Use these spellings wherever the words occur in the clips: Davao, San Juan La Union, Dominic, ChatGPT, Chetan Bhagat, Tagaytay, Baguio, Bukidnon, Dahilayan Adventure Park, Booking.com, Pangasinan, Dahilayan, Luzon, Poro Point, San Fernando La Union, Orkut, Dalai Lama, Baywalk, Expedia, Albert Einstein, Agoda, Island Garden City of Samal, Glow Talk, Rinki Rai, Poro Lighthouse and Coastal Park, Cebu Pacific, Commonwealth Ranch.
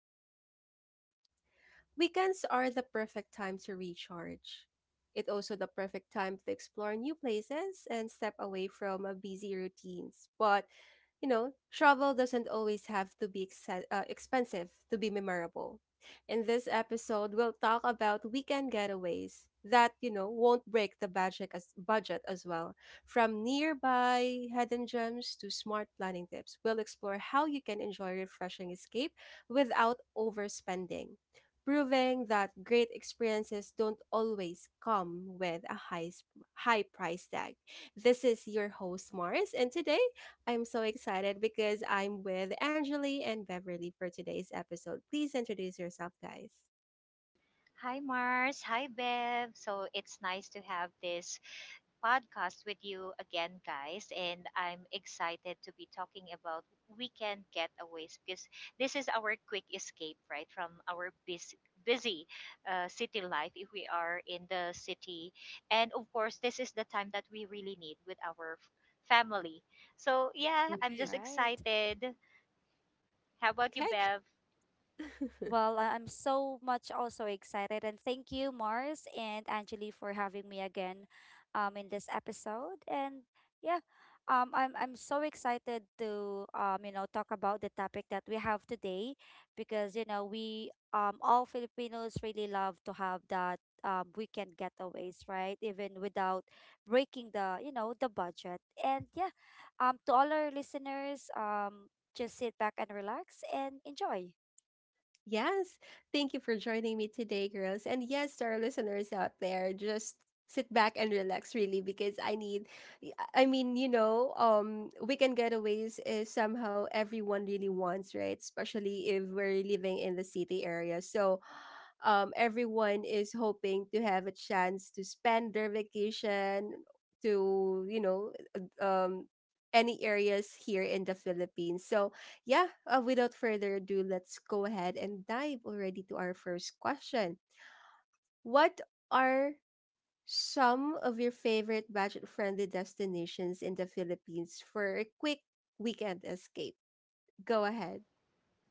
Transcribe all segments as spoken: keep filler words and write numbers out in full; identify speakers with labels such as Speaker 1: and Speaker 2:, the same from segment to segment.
Speaker 1: again to Glow Talk. Weekends are the perfect time to recharge. It's also the perfect time to explore new places and step away from uh, busy routines. But, you know, travel doesn't always have to be exce- uh, expensive to be memorable. In this episode, we'll talk about weekend getaways that, you know, won't break the budget as, budget as well. From nearby hidden gems to smart planning tips, we'll explore how you can enjoy refreshing escape without overspending, proving that great experiences don't always come with a high s- high price tag. This is your host Mars, and today I'm so excited because I'm with Angeli and Beverly for today's episode. Please introduce yourself, guys.
Speaker 2: Hi, Mars. Hi, Bev. So it's nice to have this podcast with you again, guys. And I'm excited to be talking about weekend getaways because this is our quick escape, right, from our busy, busy uh, city life if we are in the city. And of course, this is the time that we really need with our f- family. So, yeah, I'm
Speaker 1: Right.
Speaker 2: just
Speaker 3: Right.
Speaker 2: excited. How about you,
Speaker 1: Okay.
Speaker 2: Bev?
Speaker 3: Well, I- I'm so much also excited. And thank you, Mars and Angeli, for having me again um, in this episode. And yeah, um, I'm, I'm so excited to, um, you know, talk about the topic that we have today because, you know, we um, all Filipinos really love to have that um, weekend getaways, right? Even without breaking the, you know, the budget. And yeah, um, to all our listeners, um, just sit back and relax and enjoy.
Speaker 1: Yes. Thank you for joining me today, girls. And yes, to our listeners out there, just sit back and relax really because I need I mean, you know, um weekend getaways is somehow everyone really wants, right? Especially if we're living in the city area. So um everyone is hoping to have a chance to spend their vacation to, you know, uh, um any areas here in the Philippines. So yeah, uh, without further ado, let's go ahead and dive already to our first question. What are some of your favorite budget friendly destinations in the Philippines for a quick weekend escape? Go ahead.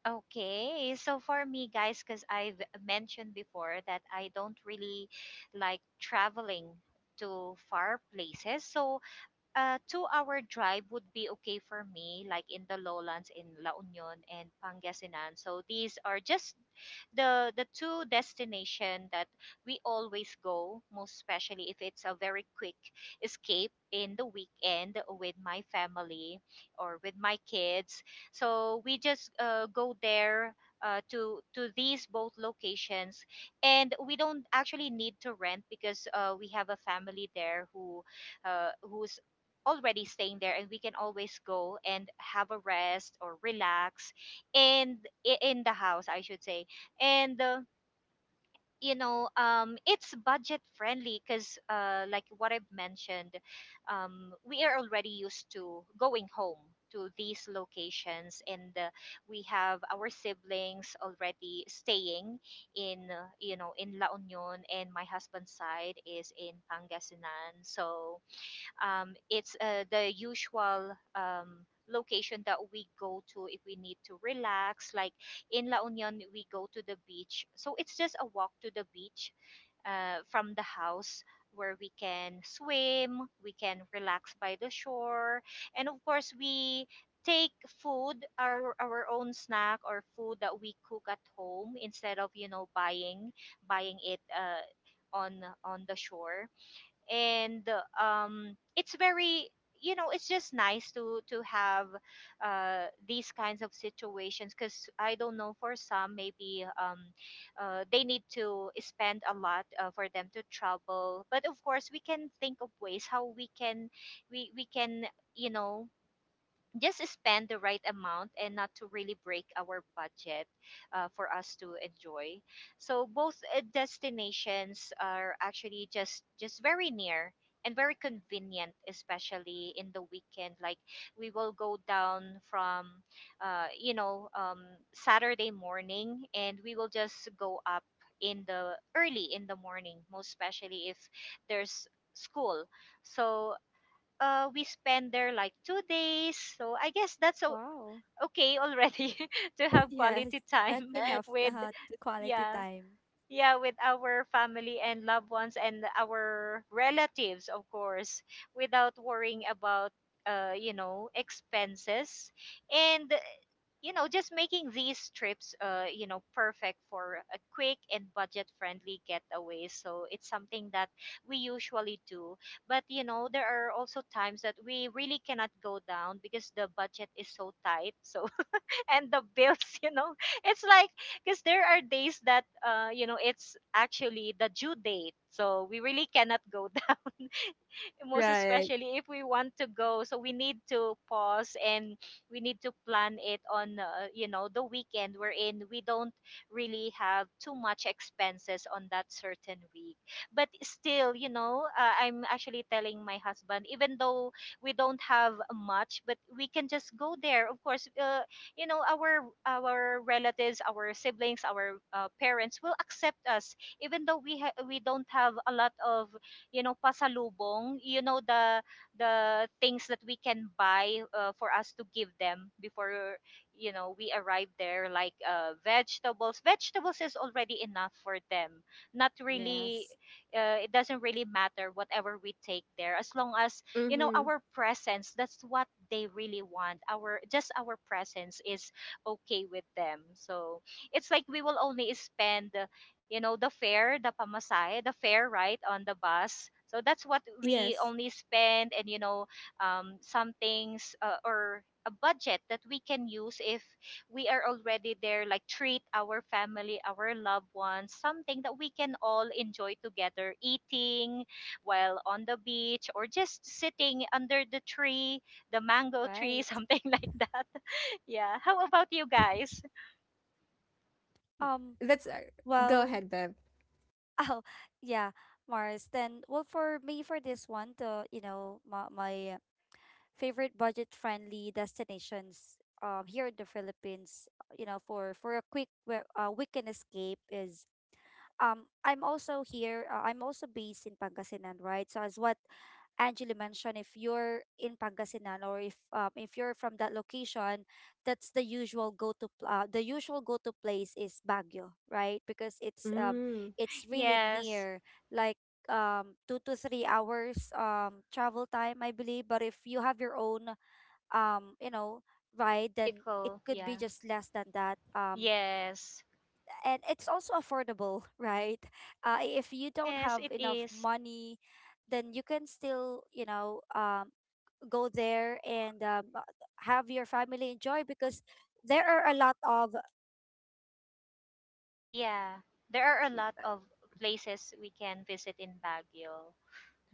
Speaker 2: Okay, so for me, guys, because I've mentioned before that I don't really like traveling to far places. So a two-hour drive would be okay for me, like in the lowlands in La Union and Pangasinan. So these are just the the two destination that we always go, most especially if it's a very quick escape in the weekend with my family or with my kids. So we just uh, go there. Uh, to to these both locations, and we don't actually need to rent because uh, we have a family there who uh, who's already staying there, and we can always go and have a rest or relax and i- in the house I should say. And uh, you know um it's budget friendly because uh like what I've mentioned, um we are already used to going home to these locations, and uh, we have our siblings already staying in uh, you know in La Union, and my husband's side is in Pangasinan. So um, it's uh, the usual um, location that we go to if we need to relax. Like in La Union, we go to the beach. So it's just a walk to the beach uh, from the house where we can swim, we can relax by the shore, and of course, we take food, our our own snack or food that we cook at home instead of, you know, buying buying it uh, on on the shore. And um, it's very. You know it's just nice to to have uh, these kinds of situations because I don't know, for some maybe um, uh, they need to spend a lot uh, for them to travel, but of course we can think of ways how we can we we can, you know just spend the right amount and not to really break our budget uh, for us to enjoy. So both uh, destinations are actually just just very near and very convenient, especially in the weekend. Like we will go down from uh, you know um, Saturday morning, and we will just go up in the early in the morning, most especially if there's school. So uh, we spend there like two days. So I guess that's o-
Speaker 3: Wow.
Speaker 2: okay already to have
Speaker 3: Yes,
Speaker 2: quality
Speaker 3: that's
Speaker 2: time
Speaker 1: Yes.
Speaker 3: enough
Speaker 2: with,
Speaker 3: uh, t- quality
Speaker 2: yeah,
Speaker 3: time.
Speaker 2: yeah, with our family and loved ones and our relatives, of course, without worrying about, uh, you know, expenses. And, you know just making these trips, uh you know perfect for a quick and budget friendly getaway. So it's something that we usually do. But, you know there are also times that we really cannot go down because the budget is so tight. So, and the bills, you know, it's like, because there are days that uh you know it's actually the due date, so we really cannot go down, most
Speaker 1: Right.
Speaker 2: especially if we want to go. So we need to pause, and we need to plan it on uh, you know the weekend we're in we don't really have too much expenses on that certain week. But still, you know uh, I'm actually telling my husband, even though we don't have much, but we can just go there. Of course, uh, you know our our relatives, our siblings, our uh, parents will accept us, even though we ha- we don't have a lot of, you know, pasalubong, you know, the the things that we can buy uh, for us to give them before you know we arrive there, like uh, vegetables vegetables is already enough for them. Not really.
Speaker 3: Yes,
Speaker 2: Uh, it doesn't really matter whatever we take there, as long as, you know,
Speaker 1: Mm-hmm.
Speaker 2: our presence, that's what they really want. Our Just our presence is okay with them. So it's like we will only spend, you know, the fare, the pamasay, the fare, right, on the bus. So that's what we
Speaker 1: Yes.
Speaker 2: only spend, and you know, um, some things uh, or a budget that we can use if we are already there, like treat our family, our loved ones, something that we can all enjoy together, eating while on the beach or just sitting under the tree, the mango tree,
Speaker 3: right.
Speaker 2: something like that. Yeah. How about you guys?
Speaker 3: Um,
Speaker 1: That's uh, go
Speaker 3: well,
Speaker 1: ahead, Bev.
Speaker 3: oh, yeah, Mars. Then, well, for me, for this one, the, you know, my, my favorite budget-friendly destinations um here in the Philippines, uh, you know, for for a quick we- uh, weekend escape is um I'm also here. Uh, I'm also based in Pangasinan, right? So as what Angela mentioned, if you're in Pangasinan, or if um, if you're from that location, that's the usual go-to pl- uh, the usual go-to place is Baguio, right? Because it's um
Speaker 1: Mm.
Speaker 3: it's really
Speaker 2: Yes.
Speaker 3: near, like um two to three hours um travel time, I believe. But if you have your own um you know ride, then it
Speaker 2: Vehicle.
Speaker 3: could be
Speaker 2: Yeah.
Speaker 3: just less than that. Um,
Speaker 2: Yes.
Speaker 3: and it's also affordable, right? Uh, if you don't
Speaker 2: Yes,
Speaker 3: have
Speaker 2: it
Speaker 3: enough
Speaker 2: is.
Speaker 3: money, then you can still you know um go there and um, uh, have your family enjoy, because there are a lot of.
Speaker 2: Yeah. There are a lot of places we can visit in Baguio,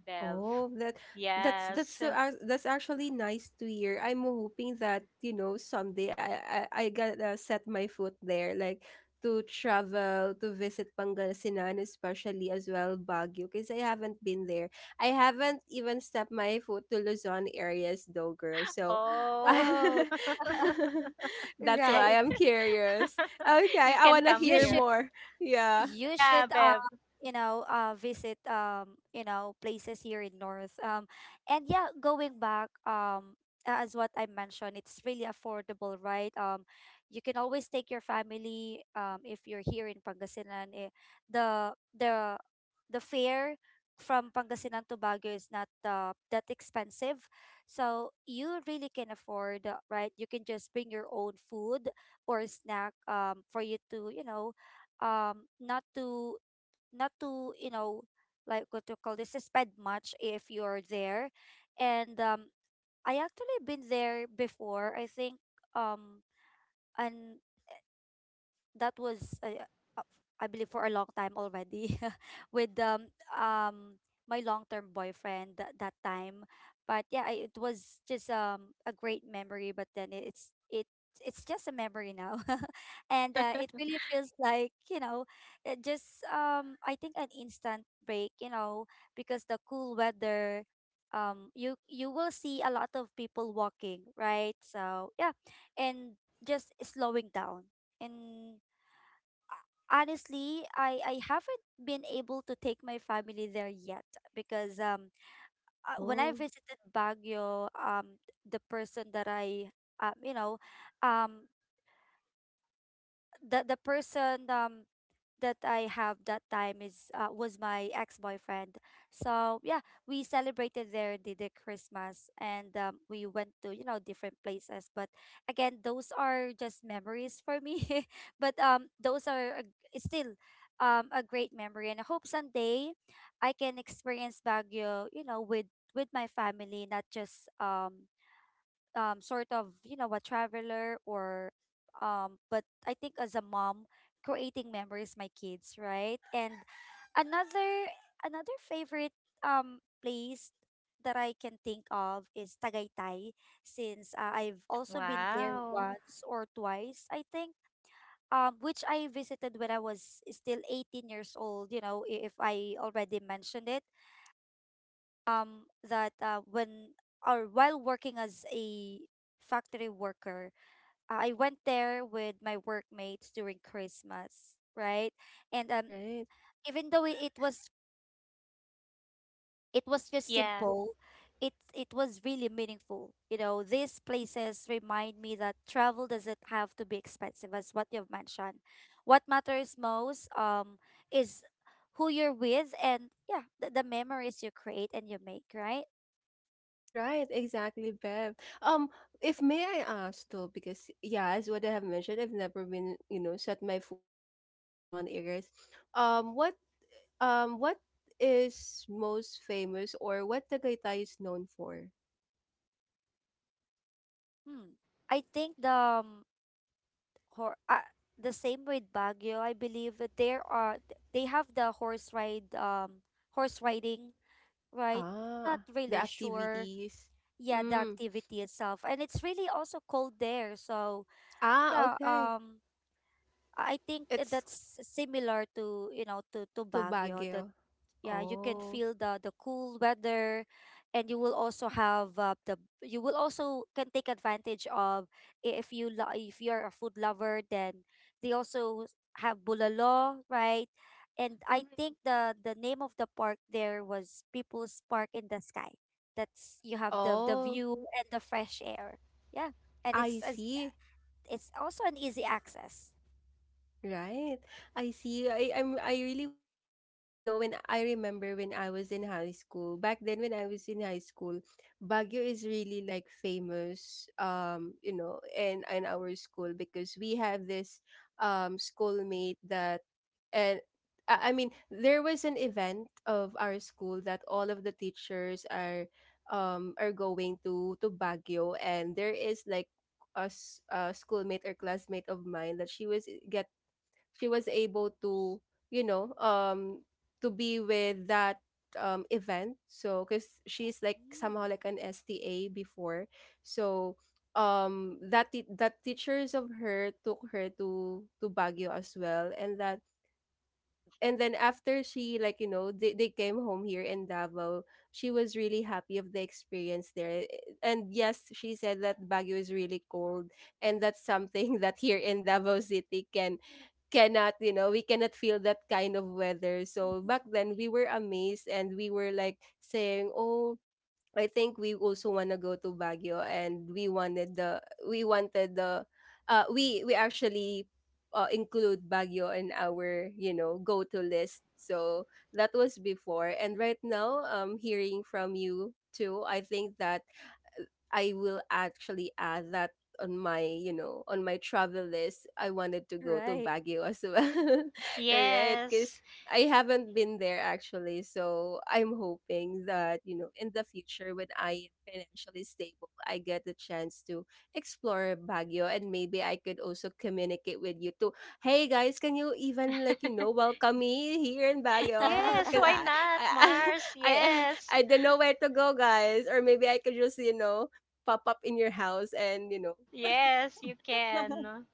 Speaker 2: Bev.
Speaker 1: Oh, that that's that's
Speaker 2: Yes.
Speaker 1: so ac- that's actually nice to hear. I'm hoping that you know someday I I, I gotta set my foot there, like to travel to visit Pangasinan, especially as well Baguio, because I haven't been there. I haven't even stepped my foot to Luzon areas though, girl. So,
Speaker 2: Oh,
Speaker 3: Oh.
Speaker 1: I, that's
Speaker 3: Right.
Speaker 1: why I'm curious. Okay,
Speaker 2: you
Speaker 1: I
Speaker 2: can
Speaker 1: wanna
Speaker 2: come
Speaker 3: you
Speaker 1: hear
Speaker 2: here.
Speaker 1: more. Yeah.
Speaker 3: you
Speaker 2: Yeah,
Speaker 3: should uh
Speaker 2: Bev.
Speaker 3: you know uh visit, um you know places here in north. Um and yeah, going back, um a- as what I mentioned, it's really affordable, right. Um you can always take your family um if you're here in Pangasinan, eh, the the the fare from Pangasinan to Baguio is not uh, that expensive. So you really can afford, uh, right. You can just bring your own food or snack, um for you to, you know um not to not to, you know like, what to call this, spend much if you're there. And um I actually been there before, I think. um and that was uh, uh, I believe for a long time already, with um um my long-term boyfriend that that time. But yeah, I, it was just um a great memory, but then it- it's it it's just a memory now. And uh, it really feels like, you know it just, um I think, an instant break, you know because the cool weather. um you you will see a lot of people walking, right? So yeah, and just slowing down. And honestly, I I haven't been able to take my family there yet, because um uh, when I
Speaker 1: Oh,
Speaker 3: visited Baguio, um the person that I, um you know, um the the person um that I have that time, is, uh, was my ex-boyfriend. So yeah, we celebrated there the, the Christmas, and um, we went to, you know different places. But again, those are just memories for me. but um, those are a, still um a great memory, and I hope someday I can experience Baguio, you know, with with my family, not just um um sort of, you know a traveler, or um but I think, as a mom, creating memories my kids, right. And another another favorite um place that I can think of is Tagaytay, since uh, I've also been there
Speaker 2: Wow.
Speaker 3: once or twice, I think, um, which I visited when I was still eighteen years old, you know, i- if I already mentioned it. Um that uh, when, or while working as a factory worker, uh, I went there with my workmates during Christmas, right. And um
Speaker 1: right.
Speaker 3: even though it it was it was just
Speaker 2: Yeah.
Speaker 3: simple, it it was really meaningful. You know, these places remind me that travel doesn't have to be expensive, as what you've mentioned. What matters most, um is who you're with, and yeah, the, the memories you create and you make, right.
Speaker 1: Right, exactly, Bev. Um, if may I ask though, because yeah, as what I have mentioned, I've never been, you know, set my foot there in Luzon areas. Um, what um what is most famous or what Tagaytay is known for?
Speaker 3: Hmm. I think the um, hor- uh, the same with Baguio. I believe that there are th- they have the horse ride um horse riding, right? Not
Speaker 1: Ah, the
Speaker 3: really sure.
Speaker 1: activities.
Speaker 3: Yeah, the
Speaker 1: Mm.
Speaker 3: activity itself, and it's really also cold there. So
Speaker 1: Ah,
Speaker 3: yeah,
Speaker 1: okay.
Speaker 3: um, I I think that
Speaker 1: It's
Speaker 3: that's similar to, you know to to
Speaker 1: to
Speaker 3: Baguio. That.
Speaker 1: Baguio.
Speaker 3: Yeah, you can
Speaker 1: Oh.
Speaker 3: feel the the cool weather, and you will also have uh, the you will also can take advantage of. I- if you lo- if you're a food lover, then they also have bulalo, right. And I
Speaker 1: Mhm.
Speaker 3: think the the name of the park there was People's Park in the Sky. That's, you have the the
Speaker 1: Oh,
Speaker 3: view and the fresh air. Yeah, and
Speaker 1: I
Speaker 3: it's as-
Speaker 1: see.
Speaker 3: it's also an easy access.
Speaker 1: Right. I see. I I'm I really wanted, you know, when I remember when I was in high school, back then when I was in high school, Baguio is really like famous um, you know, in in our school because we have this um schoolmate that and I I mean, there was an event of our school that all of the teachers are um are going to to Baguio, and there is like a, s- a schoolmate or classmate of mine that she was get she was able to, you know, um to be with that um event, so because she's like somehow
Speaker 3: Mm.
Speaker 1: like an sta before, so um that t- that teachers of her took her to to Baguio as well. And that and then after, she like, you know, they, they came home here in Davao. She was really happy of the experience there, and yes, she said that Baguio is really cold. And that's something that here in Davao City can cannot, you know, we cannot feel that kind of weather. So back then we were amazed, and we were like saying, oh, I think we also want to go to Baguio. And we wanted the we wanted the uh we we actually, uh, include Baguio in our, you know, go to list. So that was before, and right now, um hearing from you too, I think that I will actually add that on my, you know, on my travel list. I wanted to go to
Speaker 3: Right.
Speaker 1: Baguio as well. All right? Because
Speaker 2: Yes.
Speaker 1: I haven't been there actually. So I'm hoping that, you know, in the future when I am financially stable, I get the chance to explore Baguio, and maybe I could also communicate with you too. Hey guys, can you even like, you know, welcome me here in Baguio?
Speaker 2: Yes,
Speaker 1: Because
Speaker 2: why
Speaker 1: I,
Speaker 2: not,
Speaker 1: I,
Speaker 2: Mars?
Speaker 1: I
Speaker 2: Yes.
Speaker 1: I don't know where to go, guys. Or maybe I could just, you know, pop up in your house and, you know.
Speaker 2: Yes, you can.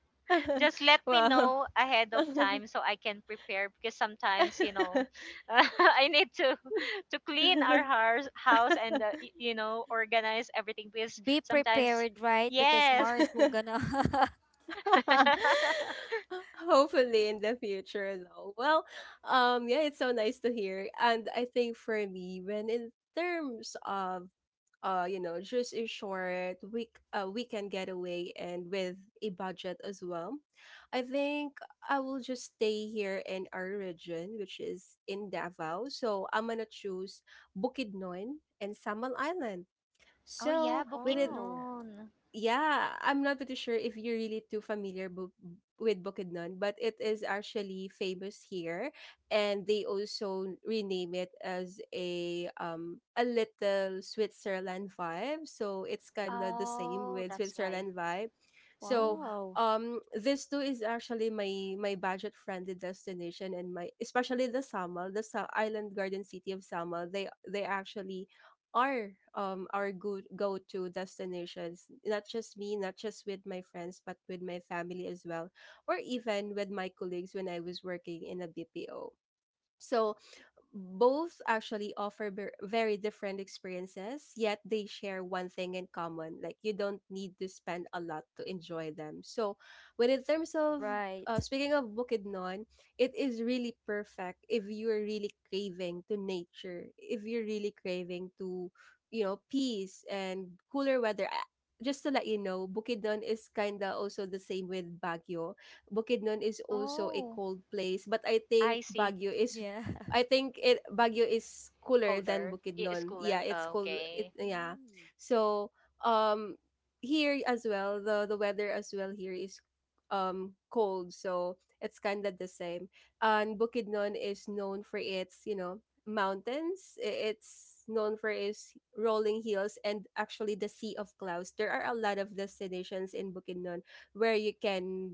Speaker 2: Just let me
Speaker 1: Wow.
Speaker 2: know ahead of time so I can prepare because sometimes, you know, I need to to clean our house house and uh, y- you know, organize everything, because
Speaker 3: Be
Speaker 2: sometimes,
Speaker 3: prepared, right? Because
Speaker 2: yes.
Speaker 3: Mars will gonna.
Speaker 1: Hopefully in the future though. Well, um yeah, it's so nice to hear. And I think for me, when in terms of uh you know, just a short week uh weekend getaway and with a budget as well, I think I will just stay here in our region, which is in Davao. So I'm gonna choose Bukidnon and Samal Island.
Speaker 2: Oh yeah,
Speaker 1: So with it,
Speaker 3: Wow.
Speaker 2: Bukidnon.
Speaker 1: yeah, I'm not pretty sure if you're really too familiar bu- with Bukidnon, but it is actually famous here, and they also rename it as a um a little Switzerland vibe. So it's kind of the same
Speaker 2: Oh,
Speaker 1: with
Speaker 2: that's why.
Speaker 1: Switzerland vibe. So
Speaker 2: Hmm.
Speaker 3: Wow.
Speaker 1: um this too is actually my my budget friendly destination, and my especially the Samal, the Sa- island garden city of Samal. They they actually are um our go go to destinations. Not just me, not just with my friends, but with my family as well, or even with my colleagues when I was working in a B P O. So both actually offer ver- very different experiences, yet they share one thing in common. Like, you don't need to spend a lot to enjoy them. So, when in terms of,
Speaker 3: Right.
Speaker 1: uh, speaking of Bukidnon, it is really perfect if you are really craving to nature, if you're really craving to, you know, peace and cooler weather. I- Just to let you know, Bukidnon is kinda also the same with Baguio. Bukidnon is also a
Speaker 2: Oh,
Speaker 1: cold place, but I
Speaker 2: I
Speaker 1: think
Speaker 2: see.
Speaker 1: Baguio is,
Speaker 3: Yeah.
Speaker 1: I think it Baguio is cooler than
Speaker 2: Colder. It's
Speaker 1: Bukidnon.
Speaker 2: cooler.
Speaker 1: Yeah, it's cold. It
Speaker 2: Okay.
Speaker 1: yeah.
Speaker 3: Mm.
Speaker 1: So um here as well, the the weather as well here is um cold, so it's kind of the same. And Bukidnon is known for its, you know, mountains. I- It's known for its rolling hills and actually the Sea of Clouds. There are a lot of destinations in Bukidnon where you can,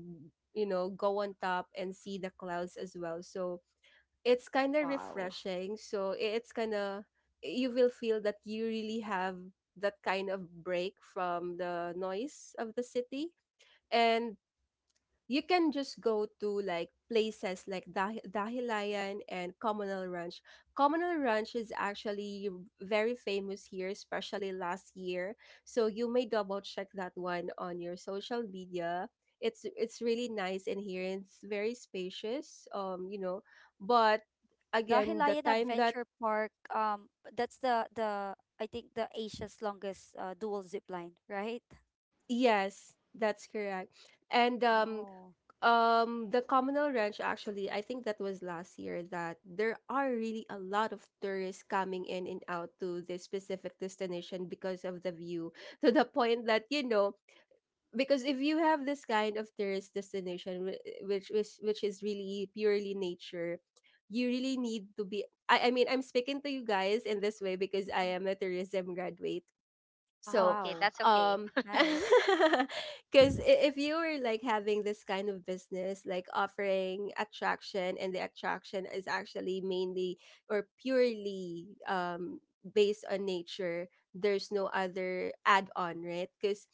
Speaker 1: you know, go on top and see the clouds as well, so it's kind of
Speaker 3: Wow.
Speaker 1: refreshing. So i- it's kind of, you will feel that you really have that kind of break from the noise of the city. And you can just go to like places like Dah- Dahilayan and Commonwealth Ranch. Commonwealth Ranch is actually very famous here, especially last year. So you may double check that one on your social media. It's it's really nice in here. And it's very spacious. Um, you know, but again, the
Speaker 3: Dahilayan
Speaker 1: time that
Speaker 3: Adventure Park, um that's the the I think the Asia's longest uh, dual zip line, right?
Speaker 1: yes, that's correct. And um
Speaker 3: Oh.
Speaker 1: Um, the communal ranch actually, I think that was last year, that there are really a lot of tourists coming in and out to this specific destination because of the view. To the point that, you know, because if you have this kind of tourist destination whi- which which which is really purely nature, you really need to be, I, I mean, I'm speaking to you guys in this way because
Speaker 3: Mhm.
Speaker 1: I am a tourism graduate,
Speaker 2: Oh,
Speaker 1: so,
Speaker 2: okay.
Speaker 3: Wow.
Speaker 2: That's okay.
Speaker 1: um,
Speaker 3: Nice.
Speaker 1: because if you were like having this kind of business, like offering attraction, and the attraction is actually mainly or purely um based on nature, there's no other add on, right? Because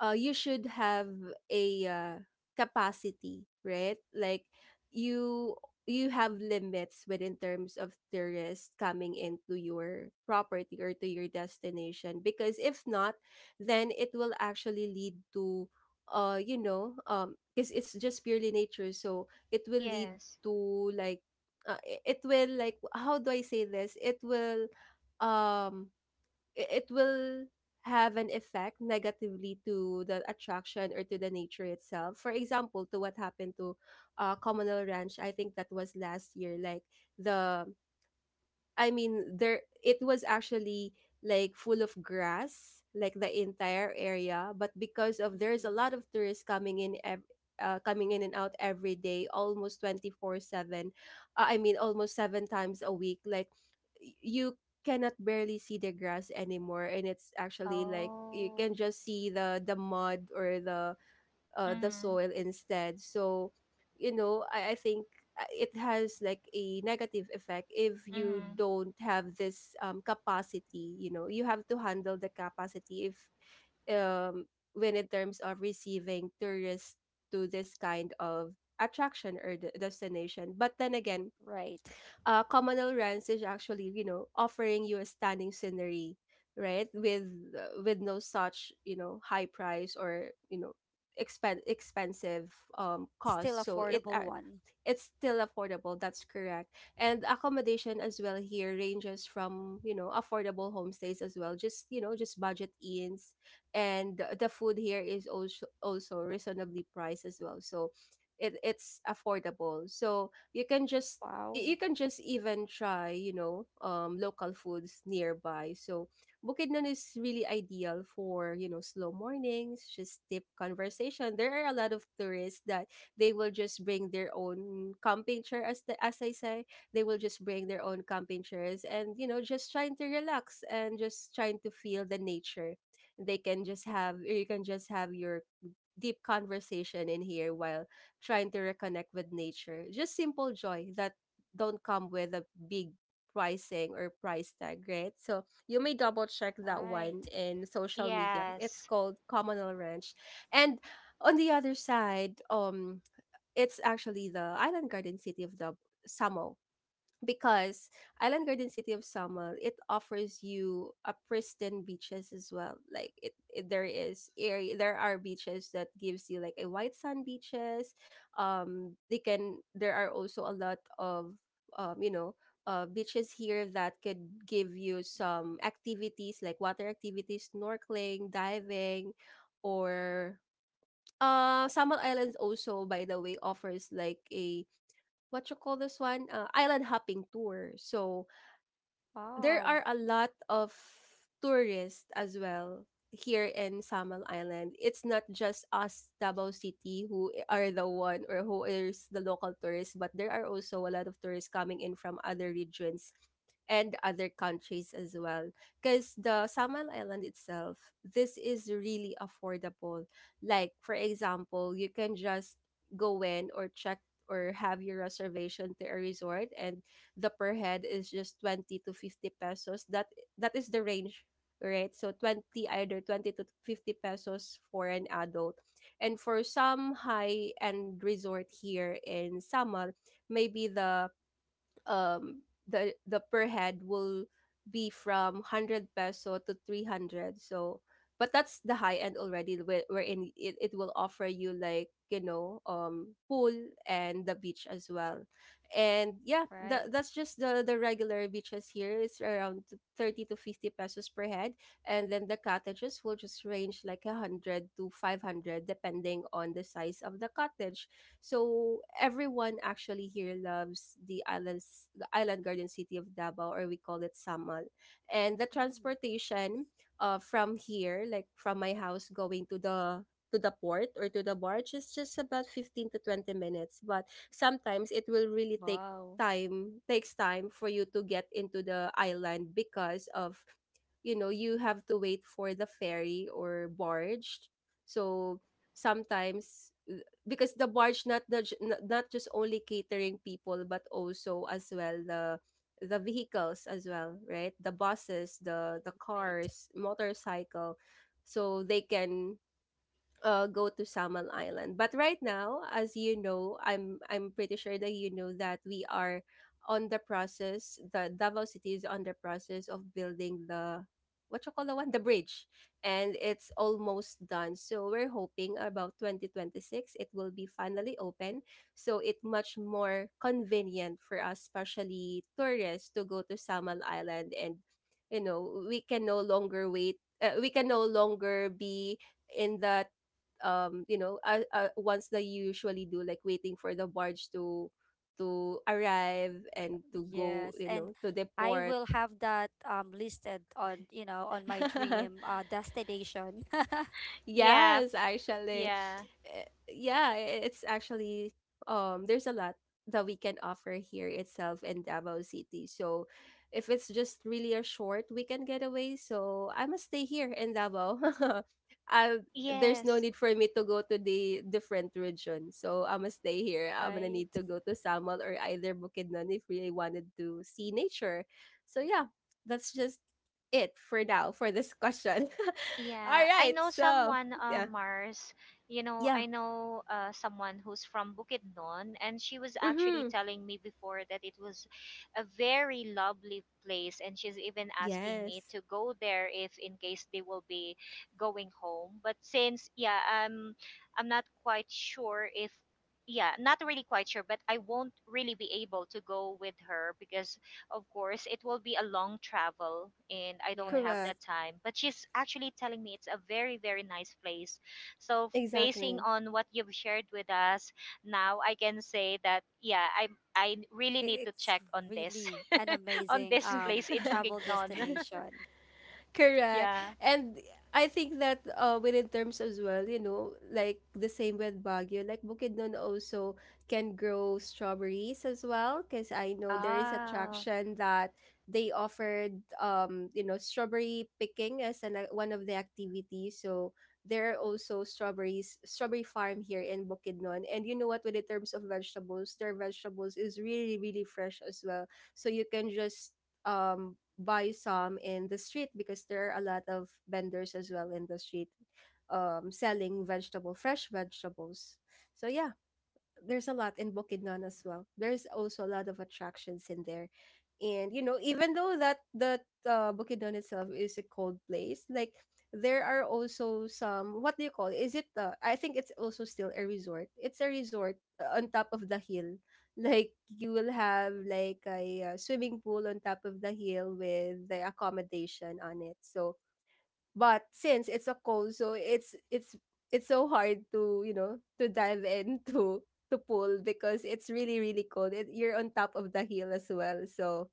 Speaker 1: uh, you should have a uh, capacity, right? Like you you have limits within terms of tourists coming into your property or to your destination, because if not, then it will actually lead to, uh you know, um because it's just purely nature, so it will lead
Speaker 2: Yes.
Speaker 1: to, like, uh, i- it will, like, how do I say this, it will, um i- it will have an effect negatively to the attraction or to the nature itself. For example, to what happened to, uh, Commonwealth Ranch, I think that was last year. Like the I mean, there it was actually like full of grass, like the entire area. But because of there's a
Speaker 3: Mm-mm.
Speaker 1: lot of tourists coming in, ev- uh, coming in and out every day, almost twenty four seven. Uh, I mean, almost seven times a week. Like y- you cannot barely see the grass anymore, and it's actually like you
Speaker 2: Oh.
Speaker 1: can just see the the mud or the, uh, the
Speaker 2: Mm-hmm.
Speaker 1: soil instead. So, you know, I, I think, uh, it has like a negative effect if you
Speaker 2: Mm-hmm.
Speaker 1: don't have this, um, capacity. You know, you have to handle the capacity if, um, when in terms of receiving tourists to this kind of attraction or de- destination. But then again,
Speaker 3: Right.
Speaker 1: uh, communal runs is actually, you know, offering you a stunning scenery, right, with, uh, with no such, you know, high price or, you know, expen- expensive um
Speaker 3: Still
Speaker 1: cost. So it,
Speaker 3: affordable
Speaker 1: uh,
Speaker 3: one.
Speaker 1: it's still affordable. That's correct. And accommodation as well here ranges from, you know, affordable homestays as well. Just, you know, just budget inns. And the the food here is also also reasonably priced as well. So it, it's affordable. So you can just
Speaker 3: Wow.
Speaker 1: y- you can just even try, you know, um, local foods nearby. So Bukidnon is really ideal for, you know, slow mornings, just deep conversation. There are a lot of tourists that they will just bring their own camping chair, as the, as I say, they will just bring their own camping chairs and, you know just trying to relax and just trying to feel the nature. They can just have you can just have your deep conversation in here while trying to reconnect with nature, just simple joy that don't come with a big pricing or price tag, right? So you may double check that
Speaker 3: Right.
Speaker 1: one in social media. It's
Speaker 2: Yes.
Speaker 1: called Communal Ranch. And on the other side, um it's actually the Island Garden City of the Samo, because Island Garden City of Samo, it offers you a pristine beaches as well. Like, it, it there is area there are beaches that gives you like a white sand beaches. Um they can there are also a lot of um you know uh, beaches here that could give you some activities like water activities, snorkeling, diving, or uh, Samar Islands also, by the way, offers like a what you call this one? Uh, island hopping tour. So there
Speaker 3: Wow.
Speaker 1: are a lot of tourists as well here in Samal Island. It's not just us Davao City who are the one or who is the local tourists, but there are also a lot of tourists coming in from other regions and other countries as well. Because the Samal Island itself, this is really affordable. Like, for example, you can just go in or check or have your reservation to a resort, and the per head is just twenty to fifty pesos. That that is the range, right? So twenty, either twenty to fifty pesos for an adult. And for some high-end resort here in Samar, maybe the um the the per head will be from one hundred peso to three hundred. So but that's the high end already, where- wherein it, it will offer you like you know um pool and the beach as well. And yeah, that,
Speaker 3: Right.
Speaker 1: that's just the the regular beaches here. It's around thirty to fifty pesos per head, and then the cottages will just range like one hundred to five hundred depending on the size of the cottage. So everyone actually here loves the islands, the Island Garden City of Davao, or we call it Samal. And the
Speaker 3: Mm.
Speaker 1: transportation, uh, from here, like from my house going to the to the port or to the barge, is just about fifteen to twenty minutes. But sometimes it will really take
Speaker 3: Wow.
Speaker 1: time takes time for you to get into the island because, of you know you have to wait for the ferry or barge. So sometimes, because the barge not the ju- not just only catering people, but also as well the the vehicles as well, right? The buses, the the
Speaker 3: Right.
Speaker 1: cars, motorcycle. So they can uh, go to Samal Island. But right now, as you know, I'm I'm pretty sure that you know that we are on the process. The Davao City is on the process of building the what you call the one the bridge, and it's almost done. So we're hoping about twenty twenty-six it will be finally open. So it much more convenient for us, especially tourists, to go to Samal Island, and you know we can no longer wait. Uh, we can no longer be in the, um you know uh, uh, once they usually do, like, waiting for the barge to to arrive and to go,
Speaker 3: Yes,
Speaker 1: you know
Speaker 3: and
Speaker 1: to the
Speaker 3: I
Speaker 1: port.
Speaker 3: will have that um listed on, you know, on my dream uh destination.
Speaker 2: Yeah,
Speaker 1: Yes, actually.
Speaker 2: yeah.
Speaker 1: Uh, Yeah, i- it's actually, um there's a lot that we can offer here itself in Davao City. So if it's just really a short weekend getaway, so I must stay here in Davao. I there's no
Speaker 2: Yes.
Speaker 1: need for me to go to the different region. So I must stay here. I'm gonna
Speaker 3: Right.
Speaker 1: need to go to Samal or either Bukidnon if really wanted to see nature. So yeah, that's just it for now for this question. All
Speaker 2: Yeah. I
Speaker 1: right,
Speaker 2: know
Speaker 1: so
Speaker 2: someone, uh
Speaker 1: yeah.
Speaker 2: Mars, you know,
Speaker 1: Yeah.
Speaker 2: I know uh someone who's from Bukidnon, and she was actually
Speaker 1: Mm-hmm.
Speaker 2: telling me before that it was a very lovely place, and she's even asking me
Speaker 1: Yes.
Speaker 2: to go there if in case they will be going home. But since, yeah, I'm I'm not quite sure if, yeah, not really quite sure, but I won't really be able to go with her because, of course, it will be a long travel and I don't have
Speaker 3: Yes.
Speaker 2: that
Speaker 1: Correct.
Speaker 2: time. But she's actually telling me it's a very, very nice place. So, f- basing
Speaker 1: Exactly.
Speaker 2: on what you've shared with us, now I can say that, yeah, I, I really
Speaker 3: It,
Speaker 2: need to
Speaker 3: it's
Speaker 2: check on this,
Speaker 3: really an
Speaker 2: on
Speaker 3: amazing
Speaker 2: this
Speaker 3: um
Speaker 2: place in
Speaker 1: Correct.
Speaker 3: travel
Speaker 2: Bukidnon.
Speaker 3: destination.
Speaker 1: Correct.
Speaker 2: Yeah.
Speaker 1: And I think that, uh, within terms as well, you know, like the same with Baguio, like Bukidnon also can grow strawberries as well, because I know there is
Speaker 2: Ah,
Speaker 1: attraction that they offered, um, you know, strawberry picking as an, uh, one of the activities. So there are also strawberries, strawberry farm here in Bukidnon. And you know what, within terms of vegetables, their vegetables is really, really fresh as well. So you can just um buy some in the street because there are a lot of vendors as well in the street um selling vegetable, fresh vegetables. So yeah, there's a lot in Bukidnon as well. There's also a lot of attractions in there. And, you know, even though that that uh, Bukidnon itself is a cold place, like, there are also some what do you call it? Is it uh, I think it's also still a resort. It's a resort uh, on top of the hill. Like you will have like a uh, swimming pool on top of the hill with the accommodation on it. So but since it's a cold, so it's it's it's so hard to, you know to dive into to to pull because it's really really cold. It, you're on top of the hill as well, so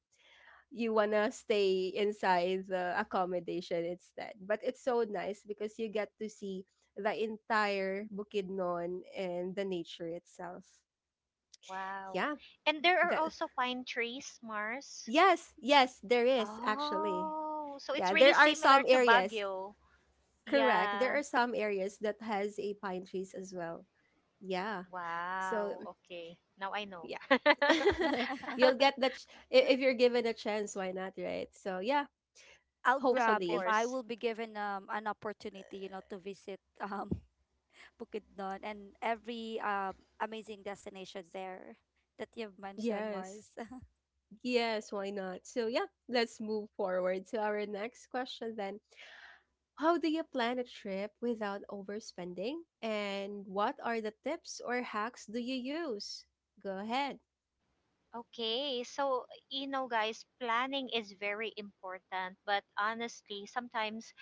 Speaker 1: you wanna stay inside the accommodation instead. But it's so nice because you get to see the entire Bukidnon and the nature itself.
Speaker 2: wow.
Speaker 1: Yeah.
Speaker 2: And there are
Speaker 1: That
Speaker 2: also pine trees, Mars.
Speaker 1: Yes, yes, there is actually.
Speaker 2: Oh, so it's
Speaker 1: Yeah,
Speaker 2: really
Speaker 1: there are
Speaker 2: similar
Speaker 1: some
Speaker 2: to
Speaker 1: areas.
Speaker 2: Baguio.
Speaker 1: Correct. There
Speaker 2: Yeah.
Speaker 1: are some areas that has a pine trees as well. Yeah. So,
Speaker 2: Wow,
Speaker 1: mm,
Speaker 2: okay. Now I know.
Speaker 1: yeah. You'll get that ch- i- if you're given a chance, why not, right? So yeah,
Speaker 3: I'll
Speaker 2: Yes, of
Speaker 3: grab if
Speaker 1: hopefully.
Speaker 3: I
Speaker 2: course.
Speaker 3: will be given um an opportunity, you know, to visit um Bukidnon, and every um amazing destination there that you've mentioned,
Speaker 1: Yes.
Speaker 3: Mars.
Speaker 1: Yes, why not? So yeah, let's move forward to our next question then. How do you plan a trip without overspending? And what are the tips or hacks do you use? Go ahead.
Speaker 2: Okay, so, you know, guys, planning is very important, but honestly, sometimes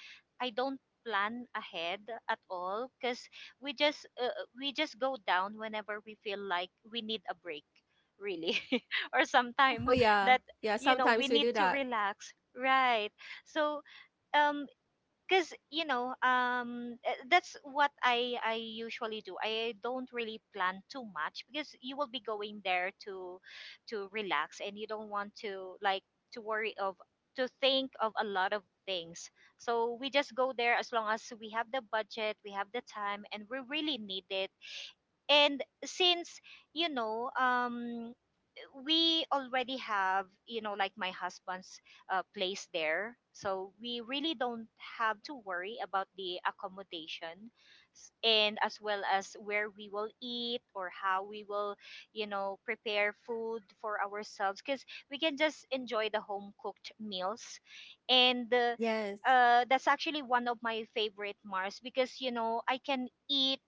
Speaker 2: I don't plan ahead at all, because we just uh, we just go down whenever we feel like we need a break, really, or
Speaker 1: Oh
Speaker 2: sometime
Speaker 1: yeah.
Speaker 2: that
Speaker 1: Yeah,
Speaker 2: you know we
Speaker 1: sometimes we
Speaker 2: need
Speaker 1: do
Speaker 2: to
Speaker 1: that.
Speaker 2: relax, right? So, um, because you know um eh, that's what i i usually do. I don't really plan too much because you will be going there to to relax, and you don't want to, like, to worry of, to think of a lot of things. So we just go there as long as we have the budget, we have the time, and we really need it. And since you know um we already have, you know like, my husband's uh, place there, so we really don't have to worry about the accommodation, S- and as well as where we will eat, or how we will you know prepare food for ourselves, because we can just enjoy the home cooked meals. And uh,
Speaker 1: Yes.
Speaker 2: uh, that's actually one of my favorite, Mars, because you know I can eat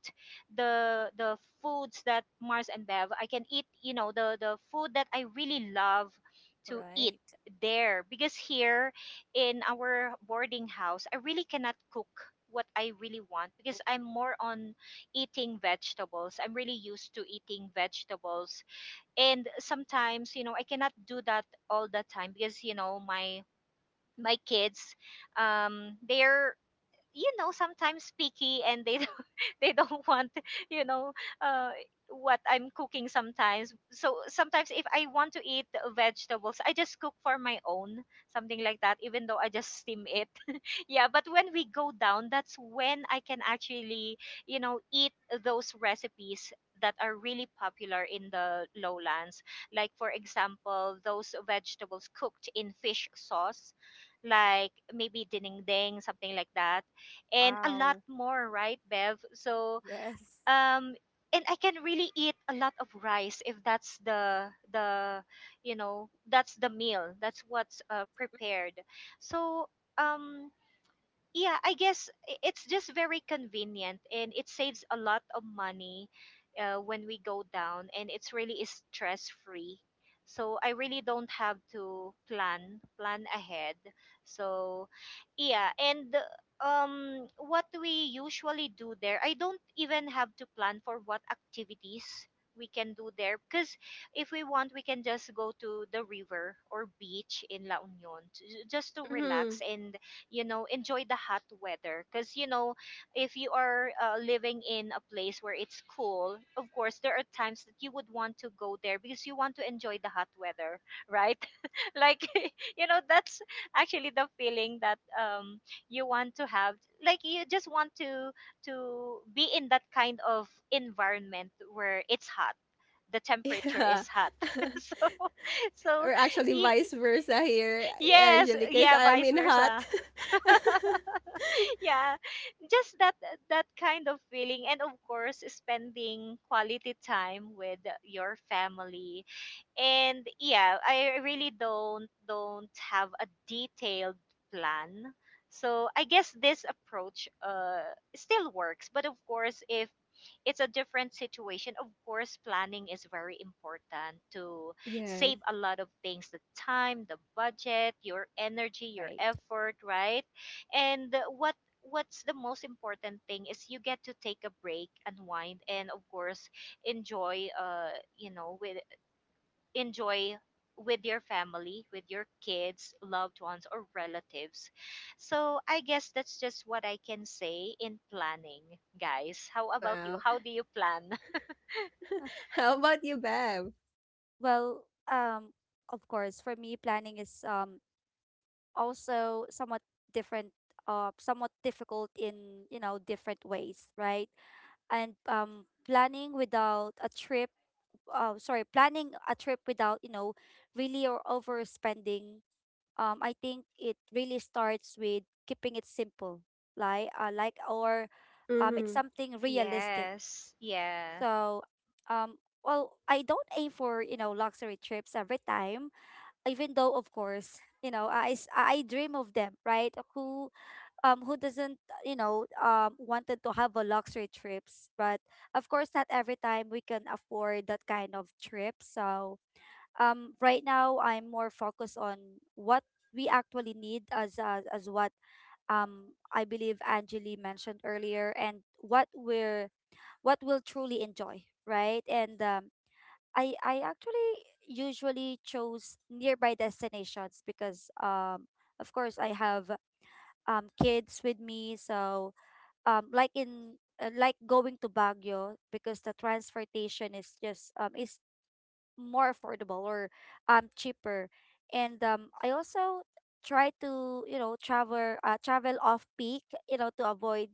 Speaker 2: the the foods that Mars and Bev, I can eat, you know, the the food that I really love to eat
Speaker 3: Right.
Speaker 2: there, because here in our boarding house I really cannot cook what I really want, because I'm more on eating vegetables. I'm really used to eating vegetables, and sometimes, you know, I cannot do that all the time, because, you know, my my kids, um they're, you know sometimes picky, and they they don't want, you know uh, what I'm cooking sometimes. So sometimes if I want to eat the vegetables, I just cook for my own, something like that, even though I just steam it. Yeah, but when we go down, that's when I can actually, you know, eat those recipes that are really popular in the lowlands. Like, for example, those vegetables cooked in fish sauce, like maybe dinding ding, something like that, and a lot
Speaker 3: Wow.
Speaker 2: more, right, Bev? So,
Speaker 3: Yes.
Speaker 2: um, and I can really eat a lot of rice if that's the the you know that's the meal, that's what's uh, prepared. So um yeah, I guess i- it's just very convenient, and it saves a lot of money uh, when we go down, and it's really is stress free. So I really don't have to plan plan ahead. So yeah, and um what we usually do there, I don't even have to plan for what activities we can do there because if we want we can just go to the river or beach in La Union to, just to relax
Speaker 1: Mm-hmm.
Speaker 2: and you know enjoy the hot weather because you know if you are uh, living in a place where it's cool, of course there are times that you would want to go there because you want to enjoy the hot weather, right? Like, you know that's actually the feeling that um you want to have, like you just want to to be in that kind of environment where it's hot, the temperature
Speaker 1: Yeah.
Speaker 2: is hot. so so
Speaker 1: Or actually
Speaker 2: y-
Speaker 1: vice versa here,
Speaker 2: yes,
Speaker 1: Angelica,
Speaker 2: yeah,
Speaker 1: I'm
Speaker 2: vice
Speaker 1: in hot.
Speaker 2: versa. Yeah, just that, that kind of feeling. And of course, spending quality time with your family. And yeah, I really don't don't have a detailed plan, so I guess this approach uh still works. But of course, if it's a different situation, of course planning is very important to
Speaker 1: Yes.
Speaker 2: save a lot of things, the time, the budget, your energy, your
Speaker 3: Right.
Speaker 2: effort, right? And what what's the most important thing is you get to take a break, unwind, and of course enjoy, uh you know with enjoy with your family, with your kids, loved ones, or relatives. So I guess that's just what I can say in planning, guys. How about you?
Speaker 1: Wow.
Speaker 2: How do you plan?
Speaker 1: How about you, Bev?
Speaker 3: Well, um, of course, for me, planning is um also somewhat different, uh, somewhat difficult in, you know different ways, right? And um, planning without a trip, uh, sorry, planning a trip without, you know really, or overspending. Um, I think it really starts with keeping it simple, like uh, like or um, it's
Speaker 1: Mm-hmm.
Speaker 3: something realistic.
Speaker 2: Yes, yeah,
Speaker 3: So, um, well, I don't aim for, you know luxury trips every time, even though, of course, you know i s- i dream of them, right. Who um who doesn't, you know um wanted to have a luxury trips. But of course, not every time we can afford that kind of trip. So um right now I'm more focused on what we actually need, as as, as what, um I believe Angeli mentioned earlier, and what we're what we'll truly enjoy, right. And um I I actually usually chose nearby destinations because, um of course I have um kids with me. So, um like in uh, like going to Baguio, because the transportation is just um is more affordable, or um cheaper. And um I also try to, you know, travel uh, travel off peak, you know, to avoid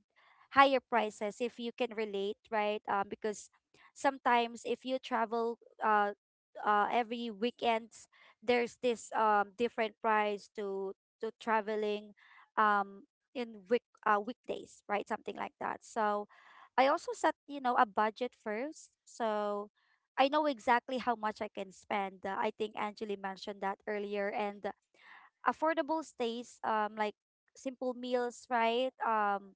Speaker 3: higher prices, if you can relate, right? Um because sometimes, if you travel uh uh every weekends, there's this um different price to to traveling, um in week uh weekdays, right? Something like that. So I also set, you know, a budget first. So I know exactly how much I can spend. Uh, I think Angeli mentioned that earlier. And affordable stays, um, like simple meals, right? Um,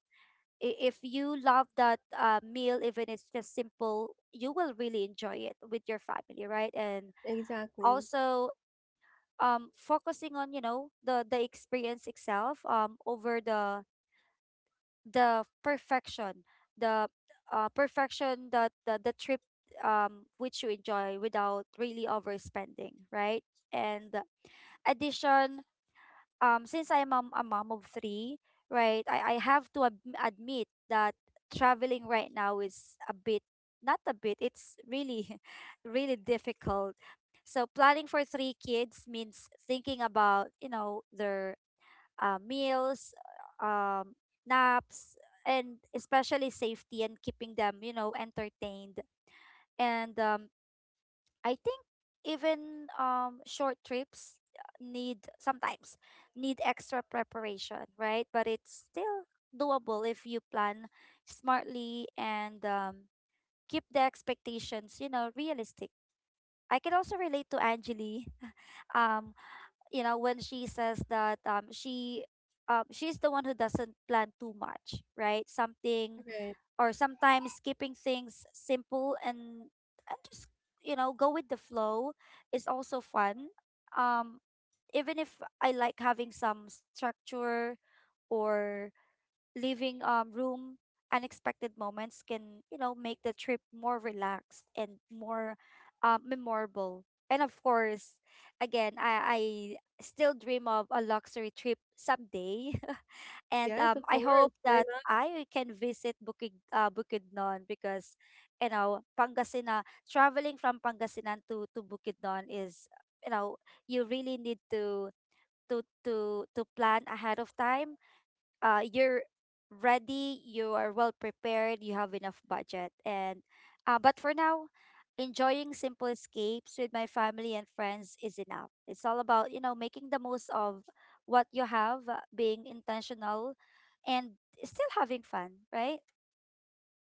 Speaker 3: i- If you love that uh, meal, even it's just simple, you will really enjoy it with your family, right? And
Speaker 1: Exactly.
Speaker 3: also, um, focusing on, you know the the experience itself, um, over the the perfection the uh, perfection that the, the trip, um which you enjoy without really overspending, right. And addition, um since I'm a, a mom of three, right. I, I have to ad- admit that traveling right now is a bit, not a bit, it's really really difficult. So planning for three kids means thinking about, you know their uh, meals, um, naps, and especially safety, and keeping them, you know, entertained. And um, I think, even um, short trips need sometimes need extra preparation, right? But it's still doable if you plan smartly, and um, keep the expectations, you know, realistic. I can also relate to Angeli. um, you know, when she says that um she um she's the one who doesn't plan too much, right. Something,
Speaker 1: Right.
Speaker 3: or sometimes keeping things simple, and, and, just, you know go with the flow is also fun. um Even if I like having some structure. Or leaving um, room unexpected moments can, you know make the trip more relaxed and more, uh, memorable. And of course, again, I, I still dream of a luxury trip someday. And
Speaker 1: Yes,
Speaker 3: um,
Speaker 1: of
Speaker 3: I
Speaker 1: course.
Speaker 3: hope
Speaker 1: Why
Speaker 3: that
Speaker 1: not?
Speaker 3: I can visit bukid uh, Bukidnon, because, you know Pangasinan, traveling from Pangasinan to to Bukidnon is, you know you really need to to to to plan ahead of time, uh, you're ready, you are well prepared, you have enough budget. And uh, but for now, enjoying simple escapes with my family and friends is enough. It's all about, you know, making the most of what you have, uh, being intentional, and still having fun, right?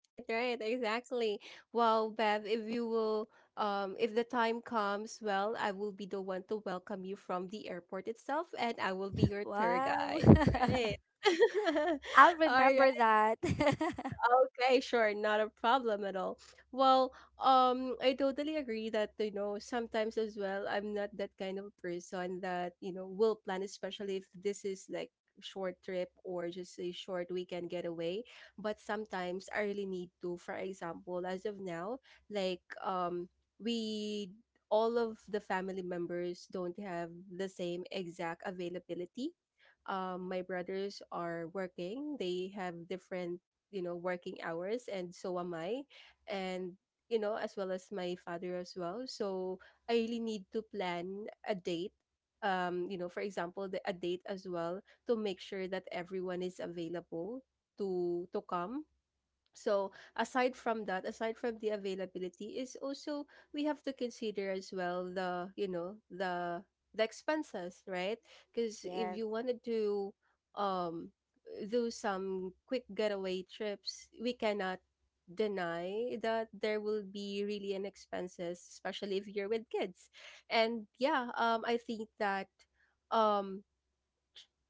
Speaker 1: Right, right, exactly. Well, Bev, if you will, um, if the time comes, well, I will be the one to welcome you from the airport itself, and I will be your tour
Speaker 3: Wow.
Speaker 1: guide. Right.
Speaker 3: I'll
Speaker 1: All right.
Speaker 3: remember that.
Speaker 1: Okay, sure, not a problem at all. Well, um, I totally agree that, you know sometimes as well I'm not that kind of a person that you know will plan, especially if this is like short trip or just a short weekend getaway. But sometimes I really need to. For example, as of now, like, um, we all of the family members don't have the same exact availability. Um, my brothers are working. They have different, you know working hours, and so am I. And, you know as well as my father as well. So I really need to plan a date, um you know for example, the, a date as well, to make sure that everyone is available to to come. So aside from that aside from the availability, is also we have to consider as well the you know the the expenses, right? Because if
Speaker 3: Yes.
Speaker 1: you wanted to do um do some quick getaway trips, we cannot deny that there will be really an expenses, especially if you're with kids. And yeah, um I think that, um